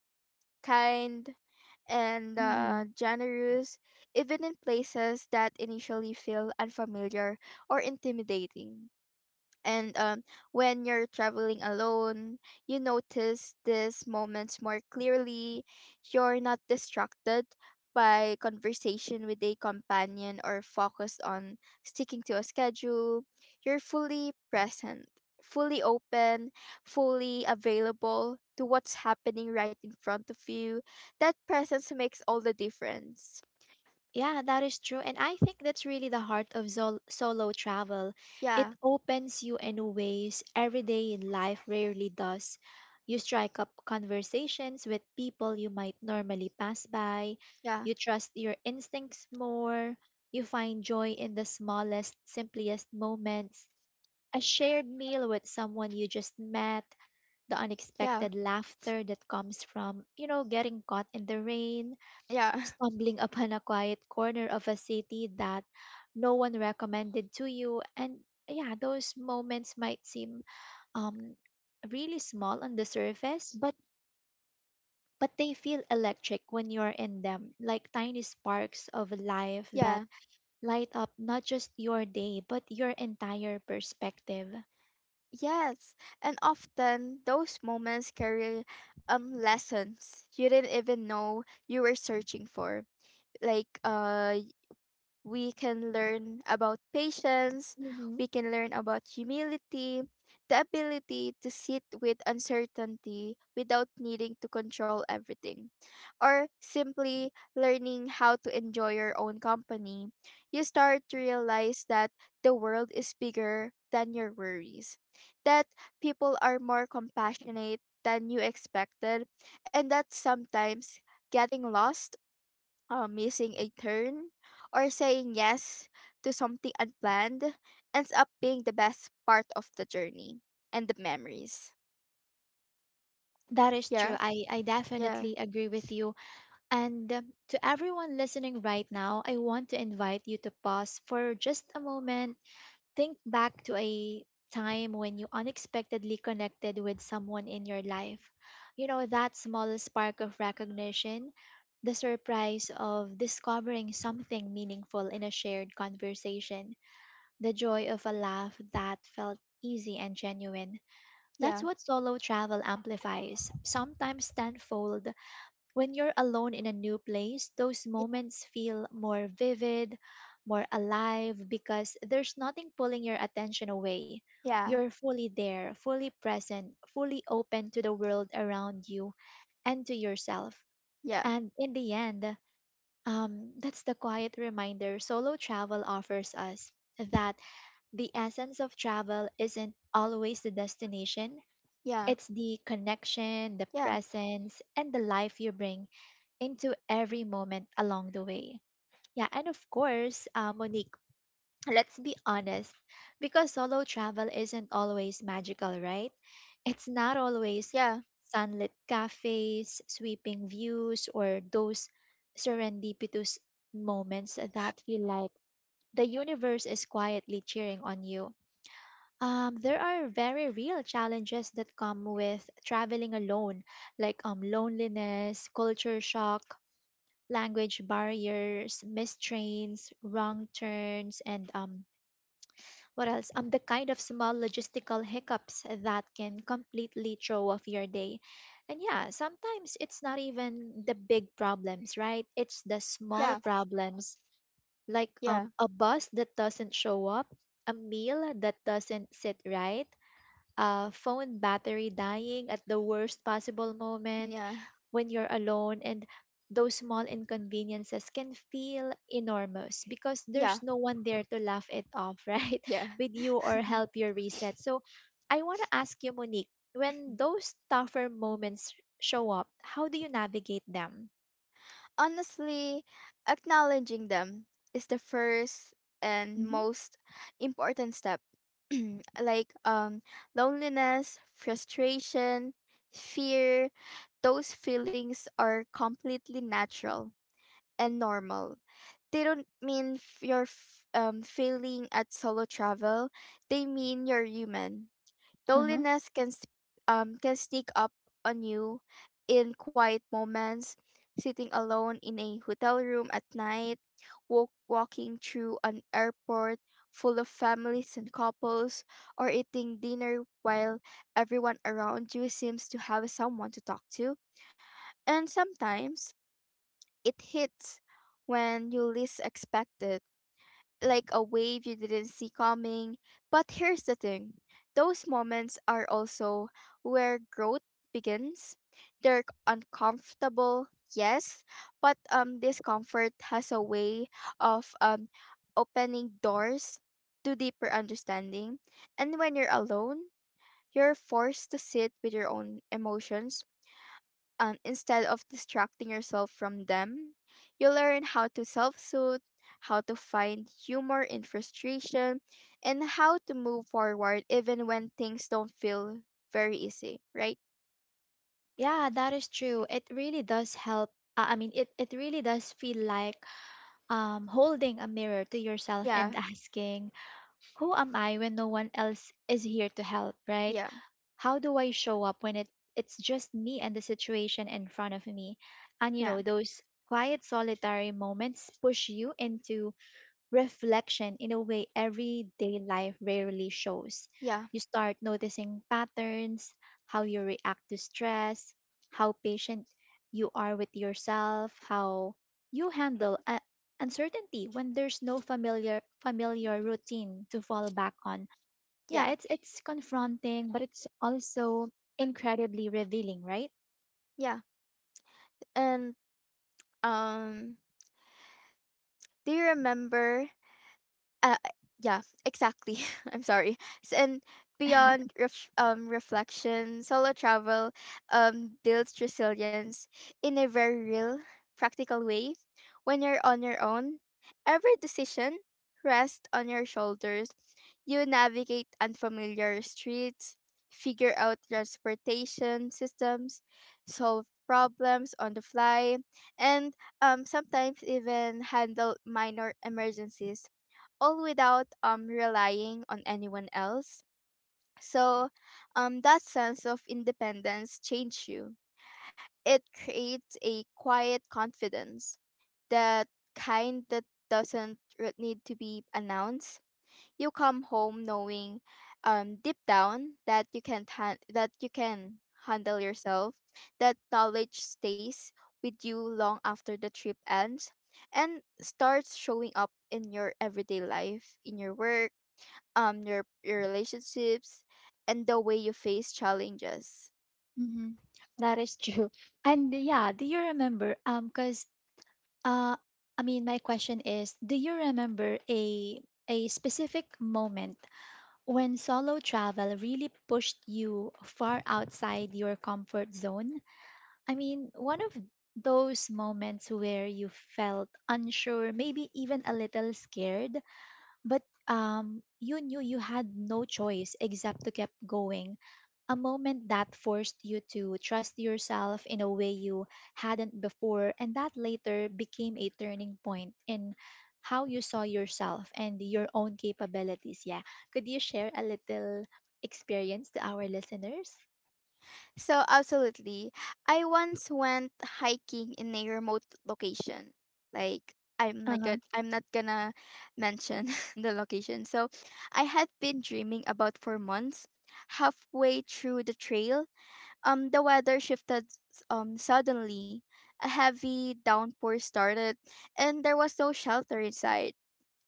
[SPEAKER 2] kind, and
[SPEAKER 1] Hmm.
[SPEAKER 2] generous, even in places that initially feel unfamiliar or intimidating. And when you're traveling alone, you notice these moments more clearly. You're not distracted by conversation with a companion or focused on sticking to a schedule. You're fully present, fully open, fully available to what's happening right in front of you. That presence makes all the difference.
[SPEAKER 1] Yeah, that is true. And I think that's really the heart of zol solo travel.
[SPEAKER 2] Yeah,
[SPEAKER 1] It opens you in ways everyday in life rarely does. You strike up conversations with people you might normally pass by.
[SPEAKER 2] yeah,
[SPEAKER 1] You trust your instincts more. You find joy in the smallest, simplest moments. A shared meal with someone you just met, the
[SPEAKER 2] yeah,
[SPEAKER 1] unexpected laughter that comes from, you know, getting caught in the rain,
[SPEAKER 2] yeah, *laughs*
[SPEAKER 1] stumbling upon a quiet corner of a city that no one recommended to you, and yeah, those moments might seem um really small on the surface, but they feel electric when you're in them, like tiny sparks of life that
[SPEAKER 2] yeah.
[SPEAKER 1] light up not just your day but your entire perspective.
[SPEAKER 2] Yes, and often those moments carry lessons you didn't even know you were searching for. Like we can learn about patience,
[SPEAKER 1] Mm-hmm.
[SPEAKER 2] we can learn about humility, the ability to sit with uncertainty without needing to control everything, or simply learning how to enjoy your own company. You start to realize that the world is bigger than your worries, that people are more compassionate than you expected, and that sometimes getting lost, missing a turn or saying yes to something unplanned ends up being the best part of the journey and the memories.
[SPEAKER 1] That is true.
[SPEAKER 2] Yeah,
[SPEAKER 1] I
[SPEAKER 2] yeah,
[SPEAKER 1] definitely agree with you. And to everyone listening right now, I want to invite you to pause for just a moment. Think back to a time when you unexpectedly connected with someone in your life. You know, that small spark of recognition, the surprise of discovering something meaningful in a shared conversation, the joy of a laugh that felt easy and genuine. That's
[SPEAKER 2] yeah,
[SPEAKER 1] what solo travel amplifies, sometimes tenfold. When you're alone in a new place, those moments feel more vivid, more alive, because there's nothing pulling your attention away.
[SPEAKER 2] yeah,
[SPEAKER 1] You're fully there, fully present, fully open to the world around you and to yourself.
[SPEAKER 2] yeah,
[SPEAKER 1] And in the end, that's the quiet reminder solo travel offers us, that the essence of travel isn't always the destination,
[SPEAKER 2] yeah,
[SPEAKER 1] it's the connection, the
[SPEAKER 2] yeah,
[SPEAKER 1] presence, and the life you bring into every moment along the way. Yeah, and of course, Monique, let's be honest, because solo travel isn't always magical, right? It's not always
[SPEAKER 2] yeah,
[SPEAKER 1] sunlit cafes, sweeping views, or those serendipitous moments that feel like the universe is quietly cheering on you. There are very real challenges that come with traveling alone, like loneliness, culture shock, language barriers, mistrains, wrong turns, and what else? The kind of small logistical hiccups that can completely throw off your day. And yeah, sometimes it's not even the big problems, right? It's the small
[SPEAKER 2] yeah,
[SPEAKER 1] problems, like
[SPEAKER 2] yeah,
[SPEAKER 1] a bus that doesn't show up, a meal that doesn't sit right, a phone battery dying at the worst possible moment
[SPEAKER 2] yeah,
[SPEAKER 1] when you're alone, and those small inconveniences can feel enormous because
[SPEAKER 2] yeah,
[SPEAKER 1] there's no one there to laugh it off, *laughs* right?
[SPEAKER 2] yeah.
[SPEAKER 1] With you
[SPEAKER 2] *laughs*
[SPEAKER 1] or help you reset. So I want to ask you, Monique, when those tougher moments show up, how do you navigate them?
[SPEAKER 2] Honestly, acknowledging them is the first and
[SPEAKER 1] Mhm.
[SPEAKER 2] most important step. *clears throat* Like loneliness, frustration, fear, those feelings are completely natural and normal. They don't mean failing at solo travel. They mean you're human.
[SPEAKER 1] Uh-huh.
[SPEAKER 2] Loneliness can can sneak up on you in quiet moments, sitting alone in a hotel room at night, walking through an airport full of families and couples, or eating dinner while everyone around you seems to have someone to talk to. And sometimes it hits when you least expect it, like a wave you didn't see coming. But here's the thing, those moments are also where growth begins. They're uncomfortable, yes, but discomfort has a way of opening doors to deeper understanding. And when you're alone, you're forced to sit with your own emotions. Instead of distracting yourself from them, you learn how to self soothe, how to find humor in frustration, and how to move forward even when things don't feel very easy, right?
[SPEAKER 1] Yeah, that is true. It really does help. I mean, it really does feel like holding a mirror to yourself
[SPEAKER 2] Yeah,
[SPEAKER 1] and *laughs* asking, who am I when no one else is here to help, right?
[SPEAKER 2] yeah,
[SPEAKER 1] How do I show up when it's just me and the situation in front of me? And you
[SPEAKER 2] yeah,
[SPEAKER 1] know, those quiet solitary moments push you into reflection in a way everyday life rarely shows.
[SPEAKER 2] yeah,
[SPEAKER 1] You start noticing patterns, how you react to stress, how patient you are with yourself, how you handle uncertainty when there's no familiar routine to fall back on.
[SPEAKER 2] yeah,
[SPEAKER 1] Yeah, it's confronting, but it's also incredibly revealing, right?
[SPEAKER 2] yeah. And um, do you remember, uh, yeah, exactly. *laughs* I'm sorry. And beyond
[SPEAKER 1] *laughs*
[SPEAKER 2] reflection, solo travel builds resilience in a very real, practical way. When you're on your own, every decision rests on your shoulders. You navigate unfamiliar streets, figure out transportation systems, solve problems on the fly, and sometimes even handle minor emergencies, all without relying on anyone else. So, that sense of independence changed you. It creates a quiet confidence, that kind that doesn't re- need to be announced. You come home knowing deep down that that you can handle yourself. That knowledge stays with you long after the trip ends and starts showing up in your everyday life, in your work, your relationships and the way you face challenges.
[SPEAKER 1] Mhm. That is true. And yeah, do you remember? Because Uh, I mean, my question is, do you remember a specific moment when solo travel really pushed you far outside your comfort zone? I mean, one of those moments where you felt unsure, maybe even a little scared, but you knew you had no choice except to keep going. A moment that forced you to trust yourself in a way you hadn't before, and that later became a turning point in how you saw yourself and your own capabilities. Yeah. Could you share a little experience to our listeners?
[SPEAKER 2] So absolutely. I once went hiking in a remote location.
[SPEAKER 1] Uh-huh.
[SPEAKER 2] I'm not gonna mention *laughs* the location. So I had been dreaming about for months. Halfway through the trail, the weather shifted suddenly. A heavy downpour started and there was no shelter inside.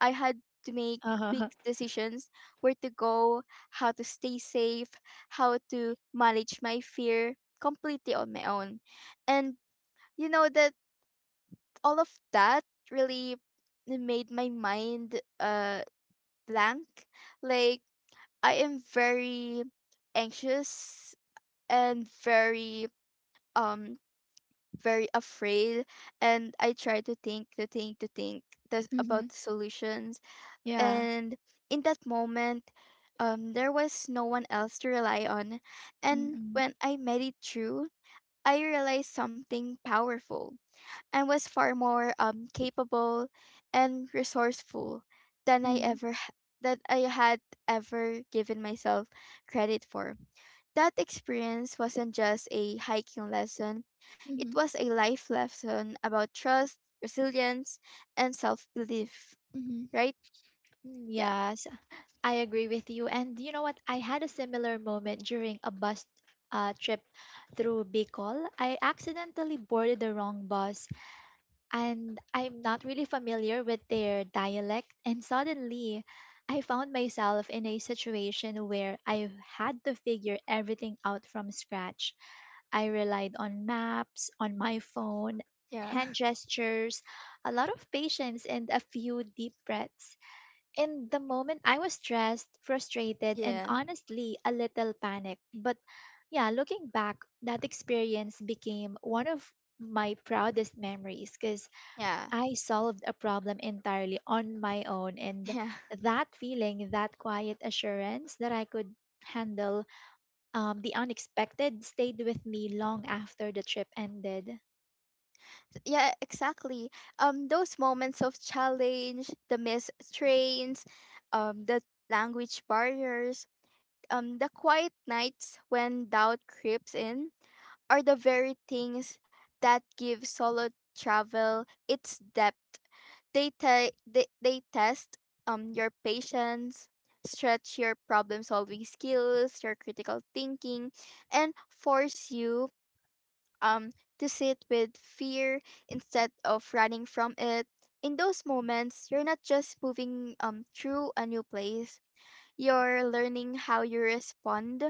[SPEAKER 2] I had to make quick
[SPEAKER 1] Uh-huh.
[SPEAKER 2] decisions, where to go, how to stay safe, how to manage my fear completely on my own. And you know, that all of that really made my mind blank. Like I am very anxious and very um very afraid and I try to think the,
[SPEAKER 1] Mm-hmm.
[SPEAKER 2] about the solutions,
[SPEAKER 1] Yeah.
[SPEAKER 2] and in that moment, there was no one else to rely on. And
[SPEAKER 1] Mm-hmm.
[SPEAKER 2] when I made it through, I realized something powerful. I was far more capable and resourceful than I
[SPEAKER 1] Mm-hmm.
[SPEAKER 2] ever h- that I had ever given myself credit for. That experience wasn't just a hiking lesson, it
[SPEAKER 1] Mm-hmm.
[SPEAKER 2] was a life lesson about trust, resilience, and self-belief,
[SPEAKER 1] Mm-hmm.
[SPEAKER 2] right? Yeah,
[SPEAKER 1] Yeah. I agree with you. And you know what? I had a similar moment during a bus trip through Bicol. I accidentally boarded the wrong bus and I'm not really familiar with their dialect. And suddenly, I found myself in a situation where I had to figure everything out from scratch. I relied on maps, on my phone,
[SPEAKER 2] yeah.
[SPEAKER 1] hand gestures, a lot of patience, and a few deep breaths. In the moment, I was stressed, frustrated, and
[SPEAKER 2] Yeah.
[SPEAKER 1] honestly a little panicked. But yeah, looking back, that experience became one of my proudest memories because
[SPEAKER 2] Yeah.
[SPEAKER 1] I solved a problem entirely on my own. And
[SPEAKER 2] Yeah. *laughs*
[SPEAKER 1] that feeling, that quiet assurance that I could handle the unexpected, stayed with me long after the trip ended.
[SPEAKER 2] Yeah, exactly. Those moments of challenge, the missed trains, the language barriers, the quiet nights when doubt creeps in, are the very things that give solo travel its depth. They test your patience, stretch your problem solving skills, your critical thinking, and force you to sit with fear instead of running from it. In those moments, you're not just moving through a new place, you're learning how you respond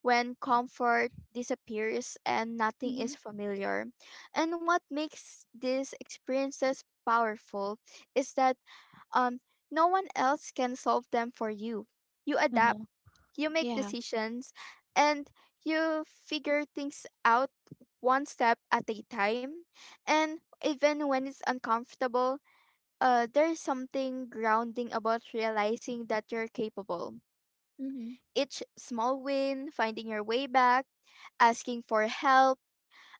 [SPEAKER 2] when comfort disappears and nothing
[SPEAKER 1] Mm-hmm.
[SPEAKER 2] is familiar. And what makes these experiences powerful is that um, no one else can solve them for you. You adapt,
[SPEAKER 1] Uh-huh.
[SPEAKER 2] you make
[SPEAKER 1] Yeah.
[SPEAKER 2] decisions, and you figure things out one step at a time. And even when it's uncomfortable, there's something grounding about realizing that you're capable.
[SPEAKER 1] Mm-hmm.
[SPEAKER 2] Each small win, finding your way back, asking for help,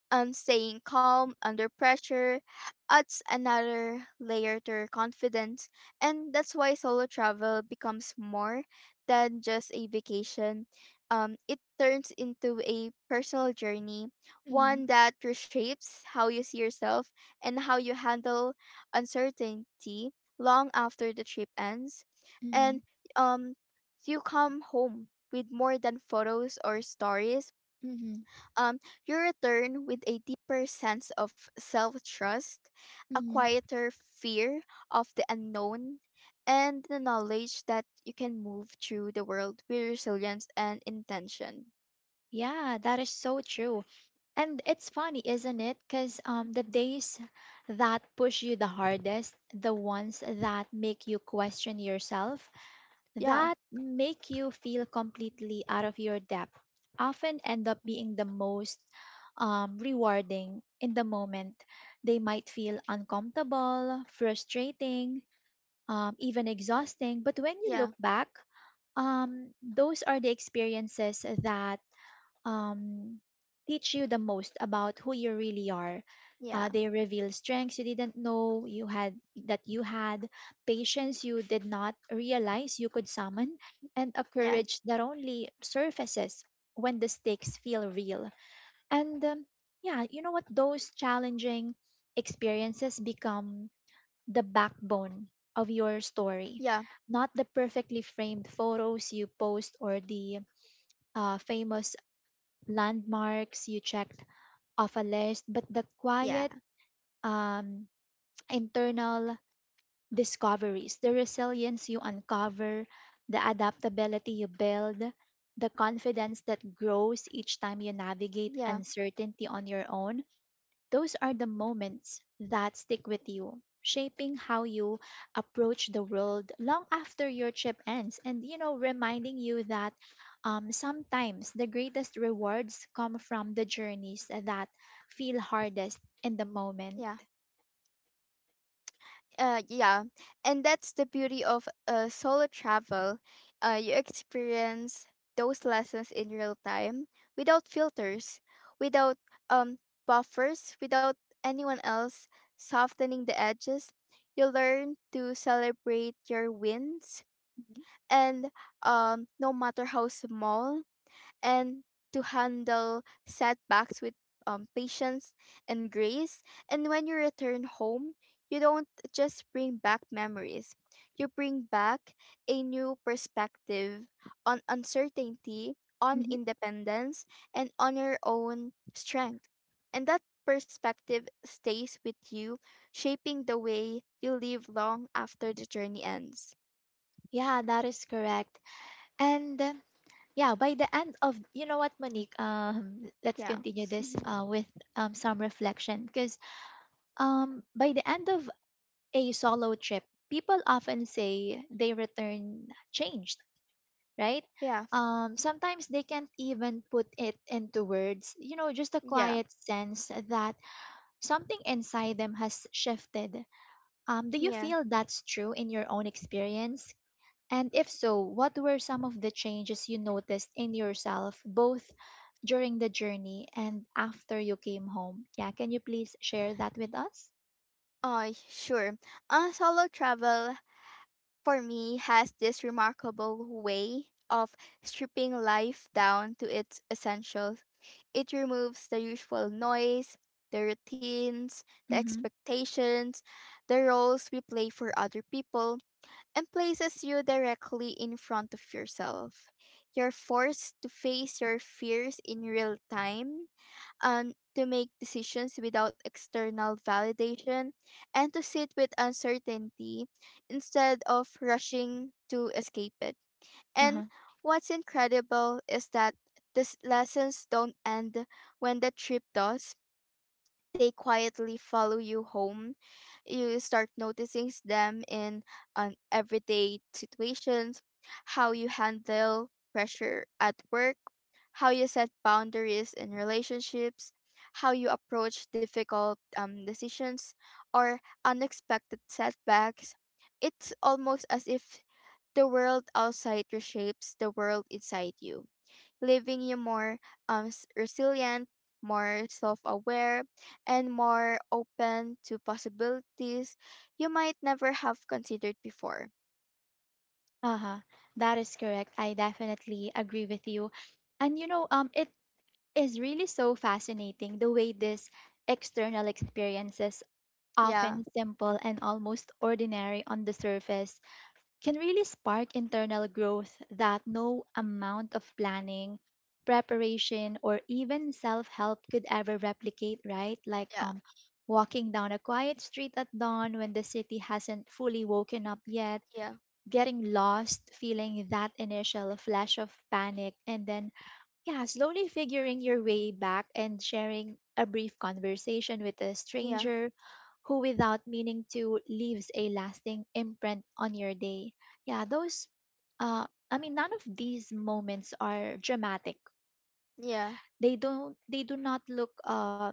[SPEAKER 2] staying calm under pressure, adds another layer to your confidence. And that's why solo travel becomes more than just a vacation. It turns into a personal journey,
[SPEAKER 1] Mm-hmm.
[SPEAKER 2] one that reshapes how you see yourself and how you handle uncertainty long after the trip ends.
[SPEAKER 1] Mm-hmm.
[SPEAKER 2] And um, you come home with more than photos or stories. um, you return with a deeper sense of self trust, a
[SPEAKER 1] Mm-hmm.
[SPEAKER 2] quieter fear of the unknown, and the knowledge that you can move through the world with resilience and intention.
[SPEAKER 1] Yeah, that is so true. And it's funny, isn't it? Because the days that push you the hardest, the ones that make you question yourself,
[SPEAKER 2] Yeah,
[SPEAKER 1] that make you feel completely out of your depth, often end up being the most rewarding in the moment. They might feel uncomfortable, frustrating, even exhausting. But when you
[SPEAKER 2] yeah,
[SPEAKER 1] look back, those are the experiences that um, teach you the most about who you really are.
[SPEAKER 2] yeah,
[SPEAKER 1] They reveal strengths you didn't know you had, patience you did not realize you could summon, and a
[SPEAKER 2] yeah,
[SPEAKER 1] courage that only surfaces when the stakes feel real. And yeah, you know what? Those challenging experiences become the backbone of your story,
[SPEAKER 2] yeah,
[SPEAKER 1] not the perfectly framed photos you post or the famous landmarks you checked off a list, but the
[SPEAKER 2] yeah,
[SPEAKER 1] quiet um, internal discoveries, the resilience you uncover, the adaptability you build, the confidence that grows each time you navigate
[SPEAKER 2] yeah,
[SPEAKER 1] uncertainty on your own, those are the moments that stick with you, shaping how you approach the world long after your trip ends, and reminding you that sometimes the greatest rewards come from the journeys that feel hardest in the moment.
[SPEAKER 2] yeah. Yeah, and that's the beauty of solo travel. You experience those lessons in real time without filters, without um buffers, without anyone else softening the edges. You learn to celebrate your wins, and no matter how small, and to handle setbacks with patience and grace. And when you return home, you don't just bring back memories, you bring back a new perspective on uncertainty, on
[SPEAKER 1] Mhm.
[SPEAKER 2] independence, and on your own strength. And that perspective stays with you, shaping the way you live long after the journey ends.
[SPEAKER 1] Yeah, that is correct. And yeah, by the end of Monique, let's
[SPEAKER 2] Yeah.
[SPEAKER 1] continue
[SPEAKER 2] *laughs*
[SPEAKER 1] this
[SPEAKER 2] Mhm.
[SPEAKER 1] with some reflection because by the end of a solo trip, people often say they return changed, right?
[SPEAKER 2] Yeah.
[SPEAKER 1] Sometimes they can't even put it into words, you know, just a
[SPEAKER 2] Yeah.
[SPEAKER 1] quiet sense that something inside them has shifted. Do you
[SPEAKER 2] Yeah.
[SPEAKER 1] feel that's true in your own experience? And if so, what were some of the changes you noticed in yourself, both during the journey and after you came home? Yeah, can you please share that with us?
[SPEAKER 2] Oh, sure. Solo travel for me has this remarkable way of stripping life down to its essentials. It removes the usual noise, the routines, the
[SPEAKER 1] Mm-hmm.
[SPEAKER 2] expectations, the roles we play for other people, and places you directly in front of yourself. You're forced to face your fears in real time and to make decisions without external validation and to sit with uncertainty instead of rushing to escape it. And
[SPEAKER 1] Uh-huh.
[SPEAKER 2] what's incredible is that these lessons don't end when the trip does. They quietly follow you home. You start them in an everyday situations, how you handle pressure at work, how you set boundaries in relationships, how you approach difficult decisions or unexpected setbacks. It's almost as if the world outside reshapes the world inside you, leaving you more resilient, more self aware, and more open to possibilities you might never have considered before.
[SPEAKER 1] Uh-huh. That is correct. I definitely agree with you. And it is really so fascinating the way this external experiences
[SPEAKER 2] Yeah,
[SPEAKER 1] often simple and almost ordinary on the surface, can really spark internal growth that no amount of planning, preparation, or even self help could ever replicate, right? Like
[SPEAKER 2] yeah,
[SPEAKER 1] walking down a quiet street at dawn when the city hasn't fully woken up yet,
[SPEAKER 2] yeah,
[SPEAKER 1] getting lost, feeling that initial flash of panic, and then yeah, slowly figuring your way back and sharing a brief conversation with a
[SPEAKER 2] yeah,
[SPEAKER 1] stranger who, without meaning to, leaves a lasting imprint on your day. Yeah, those, I mean, none of these moments are dramatic or grand.
[SPEAKER 2] yeah,
[SPEAKER 1] They do not look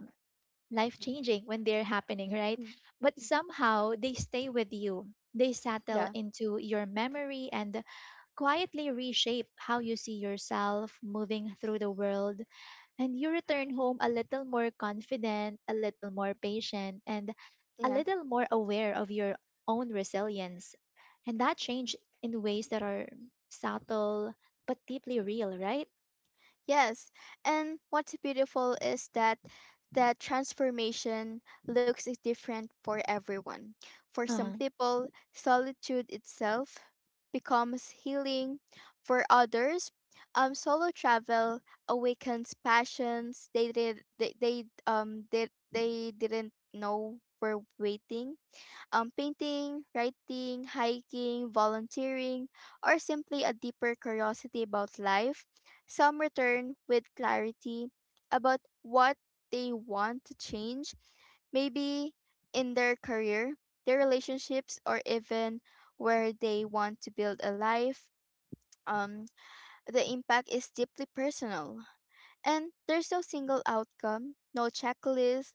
[SPEAKER 1] life changing when they're happening, right?
[SPEAKER 2] mm,
[SPEAKER 1] But
[SPEAKER 2] mm,
[SPEAKER 1] somehow they stay with you. They settle
[SPEAKER 2] yeah,
[SPEAKER 1] into your memory and quietly reshape how you see yourself moving through the world and you return home a little more confident, a little more patient, and a
[SPEAKER 2] yeah.
[SPEAKER 1] little more aware of your own resilience. And that change in ways that are subtle but deeply real, right?
[SPEAKER 2] Yes, and what's beautiful is that that transformation looks different for everyone. For some
[SPEAKER 1] Uh-huh.
[SPEAKER 2] people, solitude itself becomes healing. For others, solo travel awakens passions they didn't know were waiting: painting, writing, hiking, volunteering, or simply a deeper curiosity about life. Some return with clarity about what they want to change, maybe in their career, their relationships, or even where they want to build a life. Um, the impact is deeply personal. And there's no single outcome, no checklist.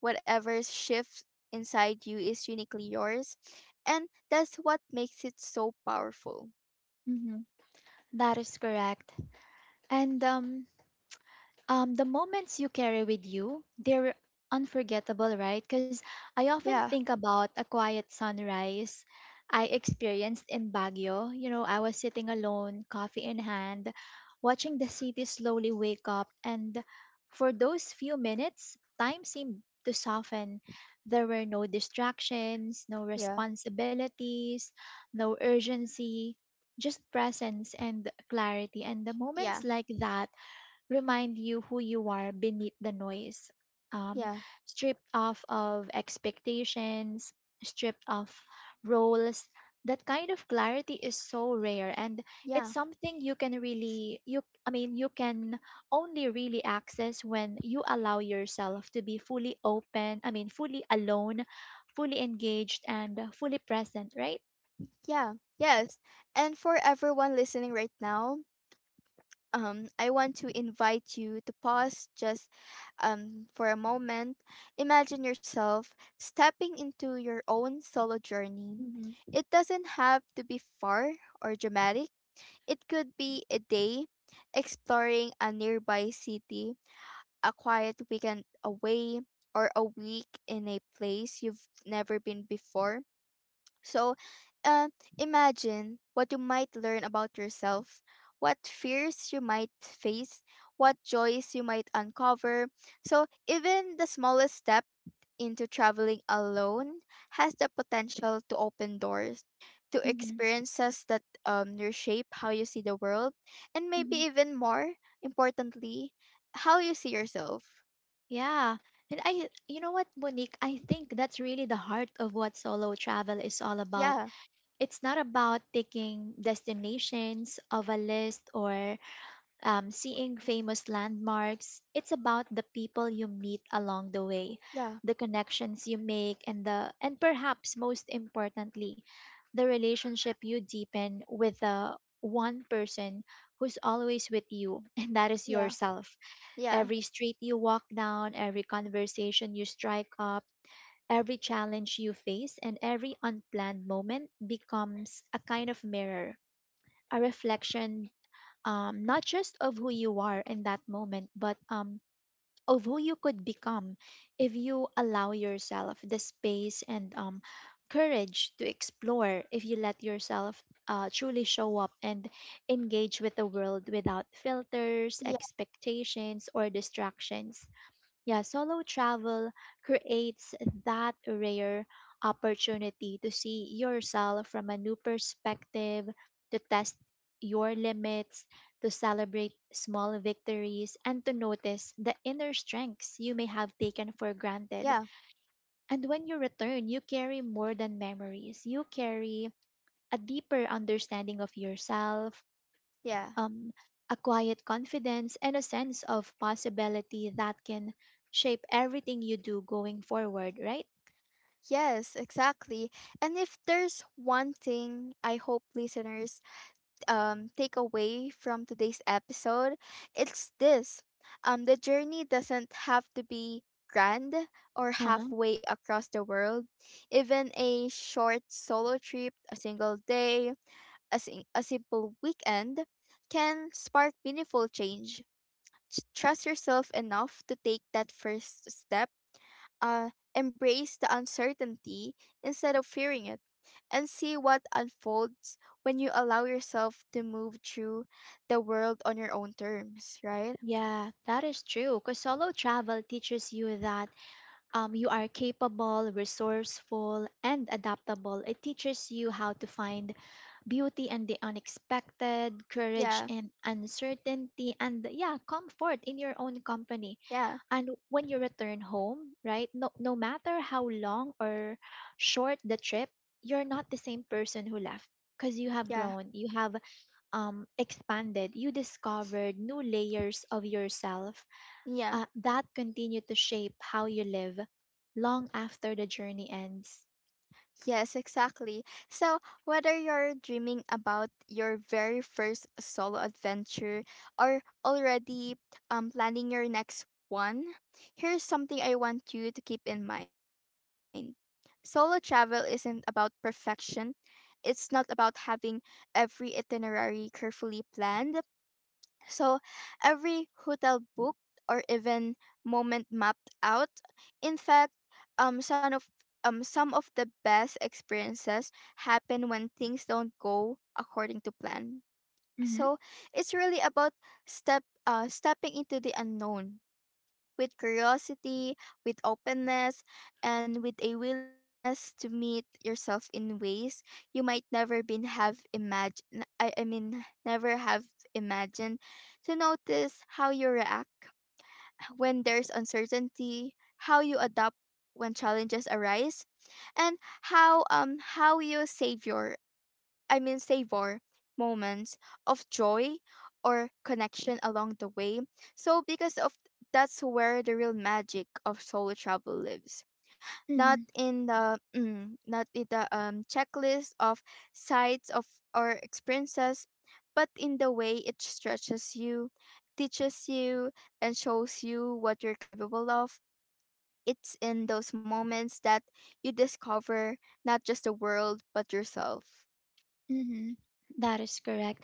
[SPEAKER 2] Whatever shifts inside you is uniquely yours, and that's what makes it so powerful.
[SPEAKER 1] Hmm. That is correct. And the moments you carry with you, they're unforgettable, right? Because I often
[SPEAKER 2] Yeah,
[SPEAKER 1] think about a quiet sunrise I experienced in Baguio. You know, I was sitting alone, coffee in hand, watching the city slowly wake up. And for those few minutes, time seemed to soften. There were no distractions, no
[SPEAKER 2] yeah,
[SPEAKER 1] responsibilities, no urgency, just presence and clarity. And the
[SPEAKER 2] yeah,
[SPEAKER 1] moments like that remind you who you are beneath the noise. Um,
[SPEAKER 2] yeah,
[SPEAKER 1] Stripped off of expectations, stripped off roles. That kind of clarity is so rare and
[SPEAKER 2] yeah,
[SPEAKER 1] it's something you can really you I mean you can only really access when you allow yourself to be I mean fully alone, fully engaged and fully present, right?
[SPEAKER 2] yeah, yes. And for everyone listening right now, I want to invite you to pause just for a moment. Imagine yourself stepping into your own solo journey.
[SPEAKER 1] Mhm.
[SPEAKER 2] It doesn't have to be far or dramatic. It could be a day exploring a nearby city, a quiet weekend away, or a week in a place you've never been before. So, uh, imagine what you might learn about yourself, what fears you might face, what joys you might uncover. So, even the smallest step into traveling alone has the potential to open doors to
[SPEAKER 1] Mhm.
[SPEAKER 2] experiences that reshape how you see the world, and maybe
[SPEAKER 1] Mhm.
[SPEAKER 2] even more importantly, how you see yourself.
[SPEAKER 1] Yeah. And I, you know what, Monique? I think that's really the heart of what solo travel is all about.
[SPEAKER 2] Yeah,
[SPEAKER 1] It's not about taking destinations of a list or seeing famous landmarks. It's about the people you meet along the way,
[SPEAKER 2] yeah,
[SPEAKER 1] the connections you make, and the and perhaps most importantly, the relationship you deepen with the one person who's always with you, *laughs* and that is
[SPEAKER 2] yeah,
[SPEAKER 1] yourself.
[SPEAKER 2] yeah,
[SPEAKER 1] Every street you walk down, every conversation you strike up, every challenge you face, and every unplanned moment becomes a kind of mirror, a reflection not just of who you are in that moment, but of who you could become if you allow yourself the space and courage to explore, if you let yourself truly show up and engage with the world without filters,
[SPEAKER 2] yeah,
[SPEAKER 1] expectations, or distractions. Yeah, solo travel creates that rare opportunity to see yourself from a new perspective, to test your limits, to celebrate small victories, and to notice the inner strengths you may have taken for granted.
[SPEAKER 2] yeah,
[SPEAKER 1] And when you return, you carry more than memories, you carry a deeper understanding of yourself,
[SPEAKER 2] yeah,
[SPEAKER 1] um, a quiet confidence, and a sense of possibility that can shape everything you do going forward, right?
[SPEAKER 2] yes, exactly. And if there's one thing I hope listeners take away from today's episode, it's this. The journey doesn't have to be grand or
[SPEAKER 1] Uh-huh.
[SPEAKER 2] halfway across the world. Even a short solo trip, a single day, a simple weekend can spark meaningful change. Trust yourself enough to take that first step, embrace the uncertainty instead of fearing it, and see what unfolds when you allow yourself to move through the world on your own terms, right?
[SPEAKER 1] Yeah, that is true. Because solo travel teaches you that you are capable, resourceful, and adaptable. It teaches you how to find beauty and the unexpected, courage
[SPEAKER 2] Yeah,
[SPEAKER 1] and uncertainty, and yeah, comfort in your own company.
[SPEAKER 2] yeah,
[SPEAKER 1] And when you return home, right, no matter how long or short the trip, you're not the same person who left because you have
[SPEAKER 2] yeah,
[SPEAKER 1] grown, you have expanded, you discovered new layers of yourself
[SPEAKER 2] yeah.
[SPEAKER 1] that continue to shape how you live long after the journey ends.
[SPEAKER 2] Yes, exactly. So, whether you're dreaming about your very first solo adventure or already planning your next one, here's something I want you to keep in mind. Solo travel isn't about perfection, it's not about having every itinerary carefully planned. So every hotel booked or even moment mapped out. In fact, um some of some of the best experiences happen when things don't go according to plan.
[SPEAKER 1] Hmm.
[SPEAKER 2] So it's really about stepping into the unknown with curiosity, with openness, and with a willingness to meet yourself in ways you might never been have imagined I mean never have imagined, to notice how you react when there's uncertainty, how you adapt when challenges arise, and how you savor moments of joy or connection along the way. So, because of that's where the real magic of solo travel lives. Not
[SPEAKER 1] Mm-hmm.
[SPEAKER 2] in the mm, not in the checklist of sites of or experiences, but in the way it stretches you, teaches you, and shows you what you're capable of. It's in those moments that you discover not just the world but yourself.
[SPEAKER 1] Mm-hmm. That is correct.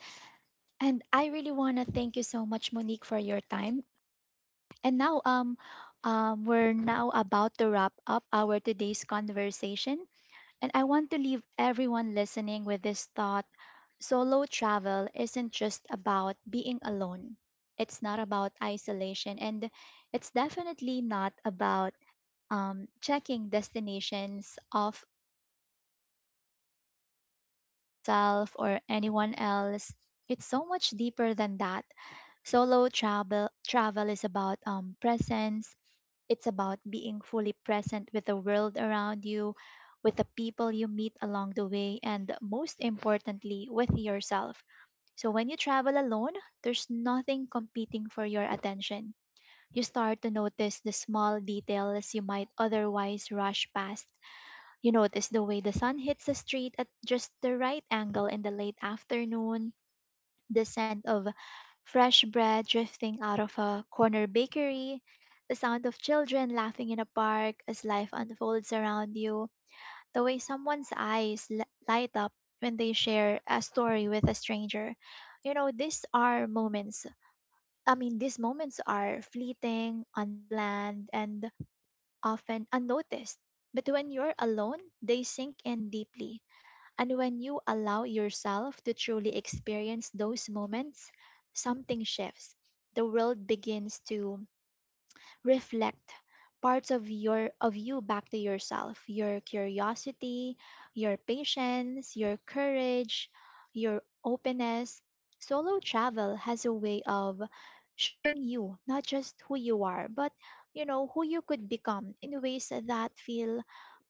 [SPEAKER 1] And I really want to thank you so much, Monique, for your time. And now we're now about to wrap up our today's conversation and I want to leave everyone listening with this thought. Solo travel isn't just about being alone. It's not about isolation and it's definitely not about checking destinations off a list or proving something to yourself or anyone else. It's so much deeper than that. Solo travel is about presence. It's about being fully present with the world around you, with the people you meet along the way, and most importantly, with yourself. So when you travel alone, there's nothing competing for your attention you start to notice the small details you might otherwise rush past. You notice the way the sun hits the street at just the right angle in the late afternoon, the scent of fresh bread drifting out of a corner bakery, the sound of children laughing in a park as life unfolds around you, the way light up when they share a story with a stranger. You know, these are moments I mean, these moments are fleeting, unplanned, and often unnoticed. But when you're alone, they sink in deeply. And when you allow yourself to truly experience those moments, something shifts. The world begins to reflect parts of you back to yourself, your curiosity, your patience, your courage, your openness. Solo travel has a way of showing you not just who you are but you know who you could become in ways that feel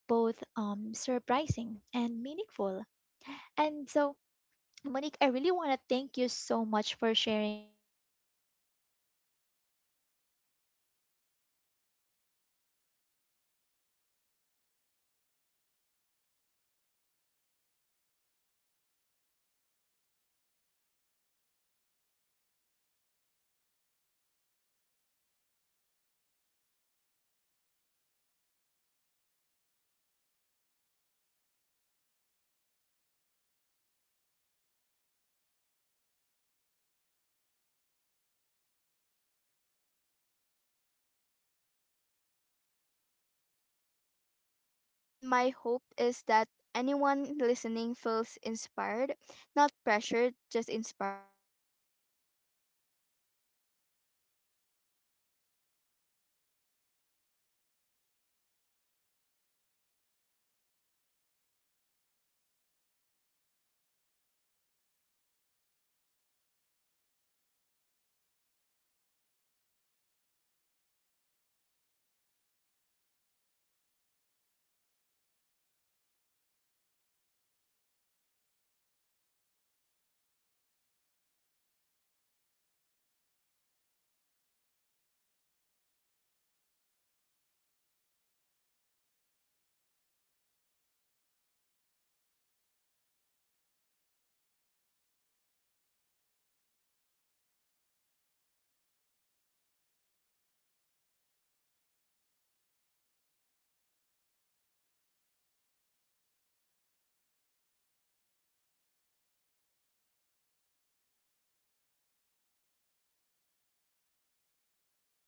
[SPEAKER 1] both surprising and meaningful. And so Monique, I really want to thank you so much for sharing your stories and reflections today. You know, it's been such a joy exploring those experiences with you, hearing about the magic, the
[SPEAKER 2] Yeah.
[SPEAKER 1] challenges, and the- everything in between. Conversations like this really remind me that
[SPEAKER 2] Hmm.
[SPEAKER 1] solo travel isn't just something you do, it's something that stays with you long
[SPEAKER 2] Yeah.
[SPEAKER 1] after the trip ends. So, before we end this episode, do you have any last message to our listeners?
[SPEAKER 2] First of all, thank you as well. It's been really
[SPEAKER 1] Mm-mm.
[SPEAKER 2] meaningful to revisit these journeys and reflect on them in this way. And my hope is that anyone listening feels inspired, not pressured, just inspired.
[SPEAKER 1] Mm-hmm.
[SPEAKER 2] Whether that means planning your first solo trip, or simply embracing moments of independence and curiosity in your in your everyday life, because even small acts can be powerful: walking alone in a new neighborhood,
[SPEAKER 1] Mm-hmm.
[SPEAKER 2] taking a class by yourself, sitting quietly in a cafe and observing the world around you. Those moments can teach you just as much about yourself as a big trip ever could.
[SPEAKER 1] Yeah, that is correct. Well, thank you to everyone listening today. Remember, stepping outside your comfort zone doesn't always mean traveling halfway across the globe. Sometimes it starts small, right? So explore the world, but also explore yourself, all right? And take that first step, the adventure with all its challenges, surprises, and quiet joys. All of them are waiting for you. So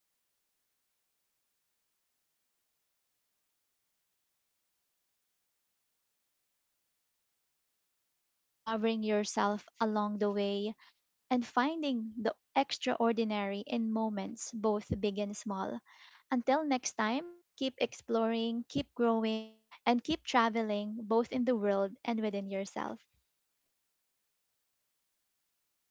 [SPEAKER 1] again, Monique, thank you so much. And thank you, everyone, for joining us today. Here's to stepping into the unknown, discovering yourself along the way, and finding the extraordinary in moments, both big and small. Until next time, keep exploring, keep growing, and keep traveling, both in the world and within yourself. See you on our next episode. Bye.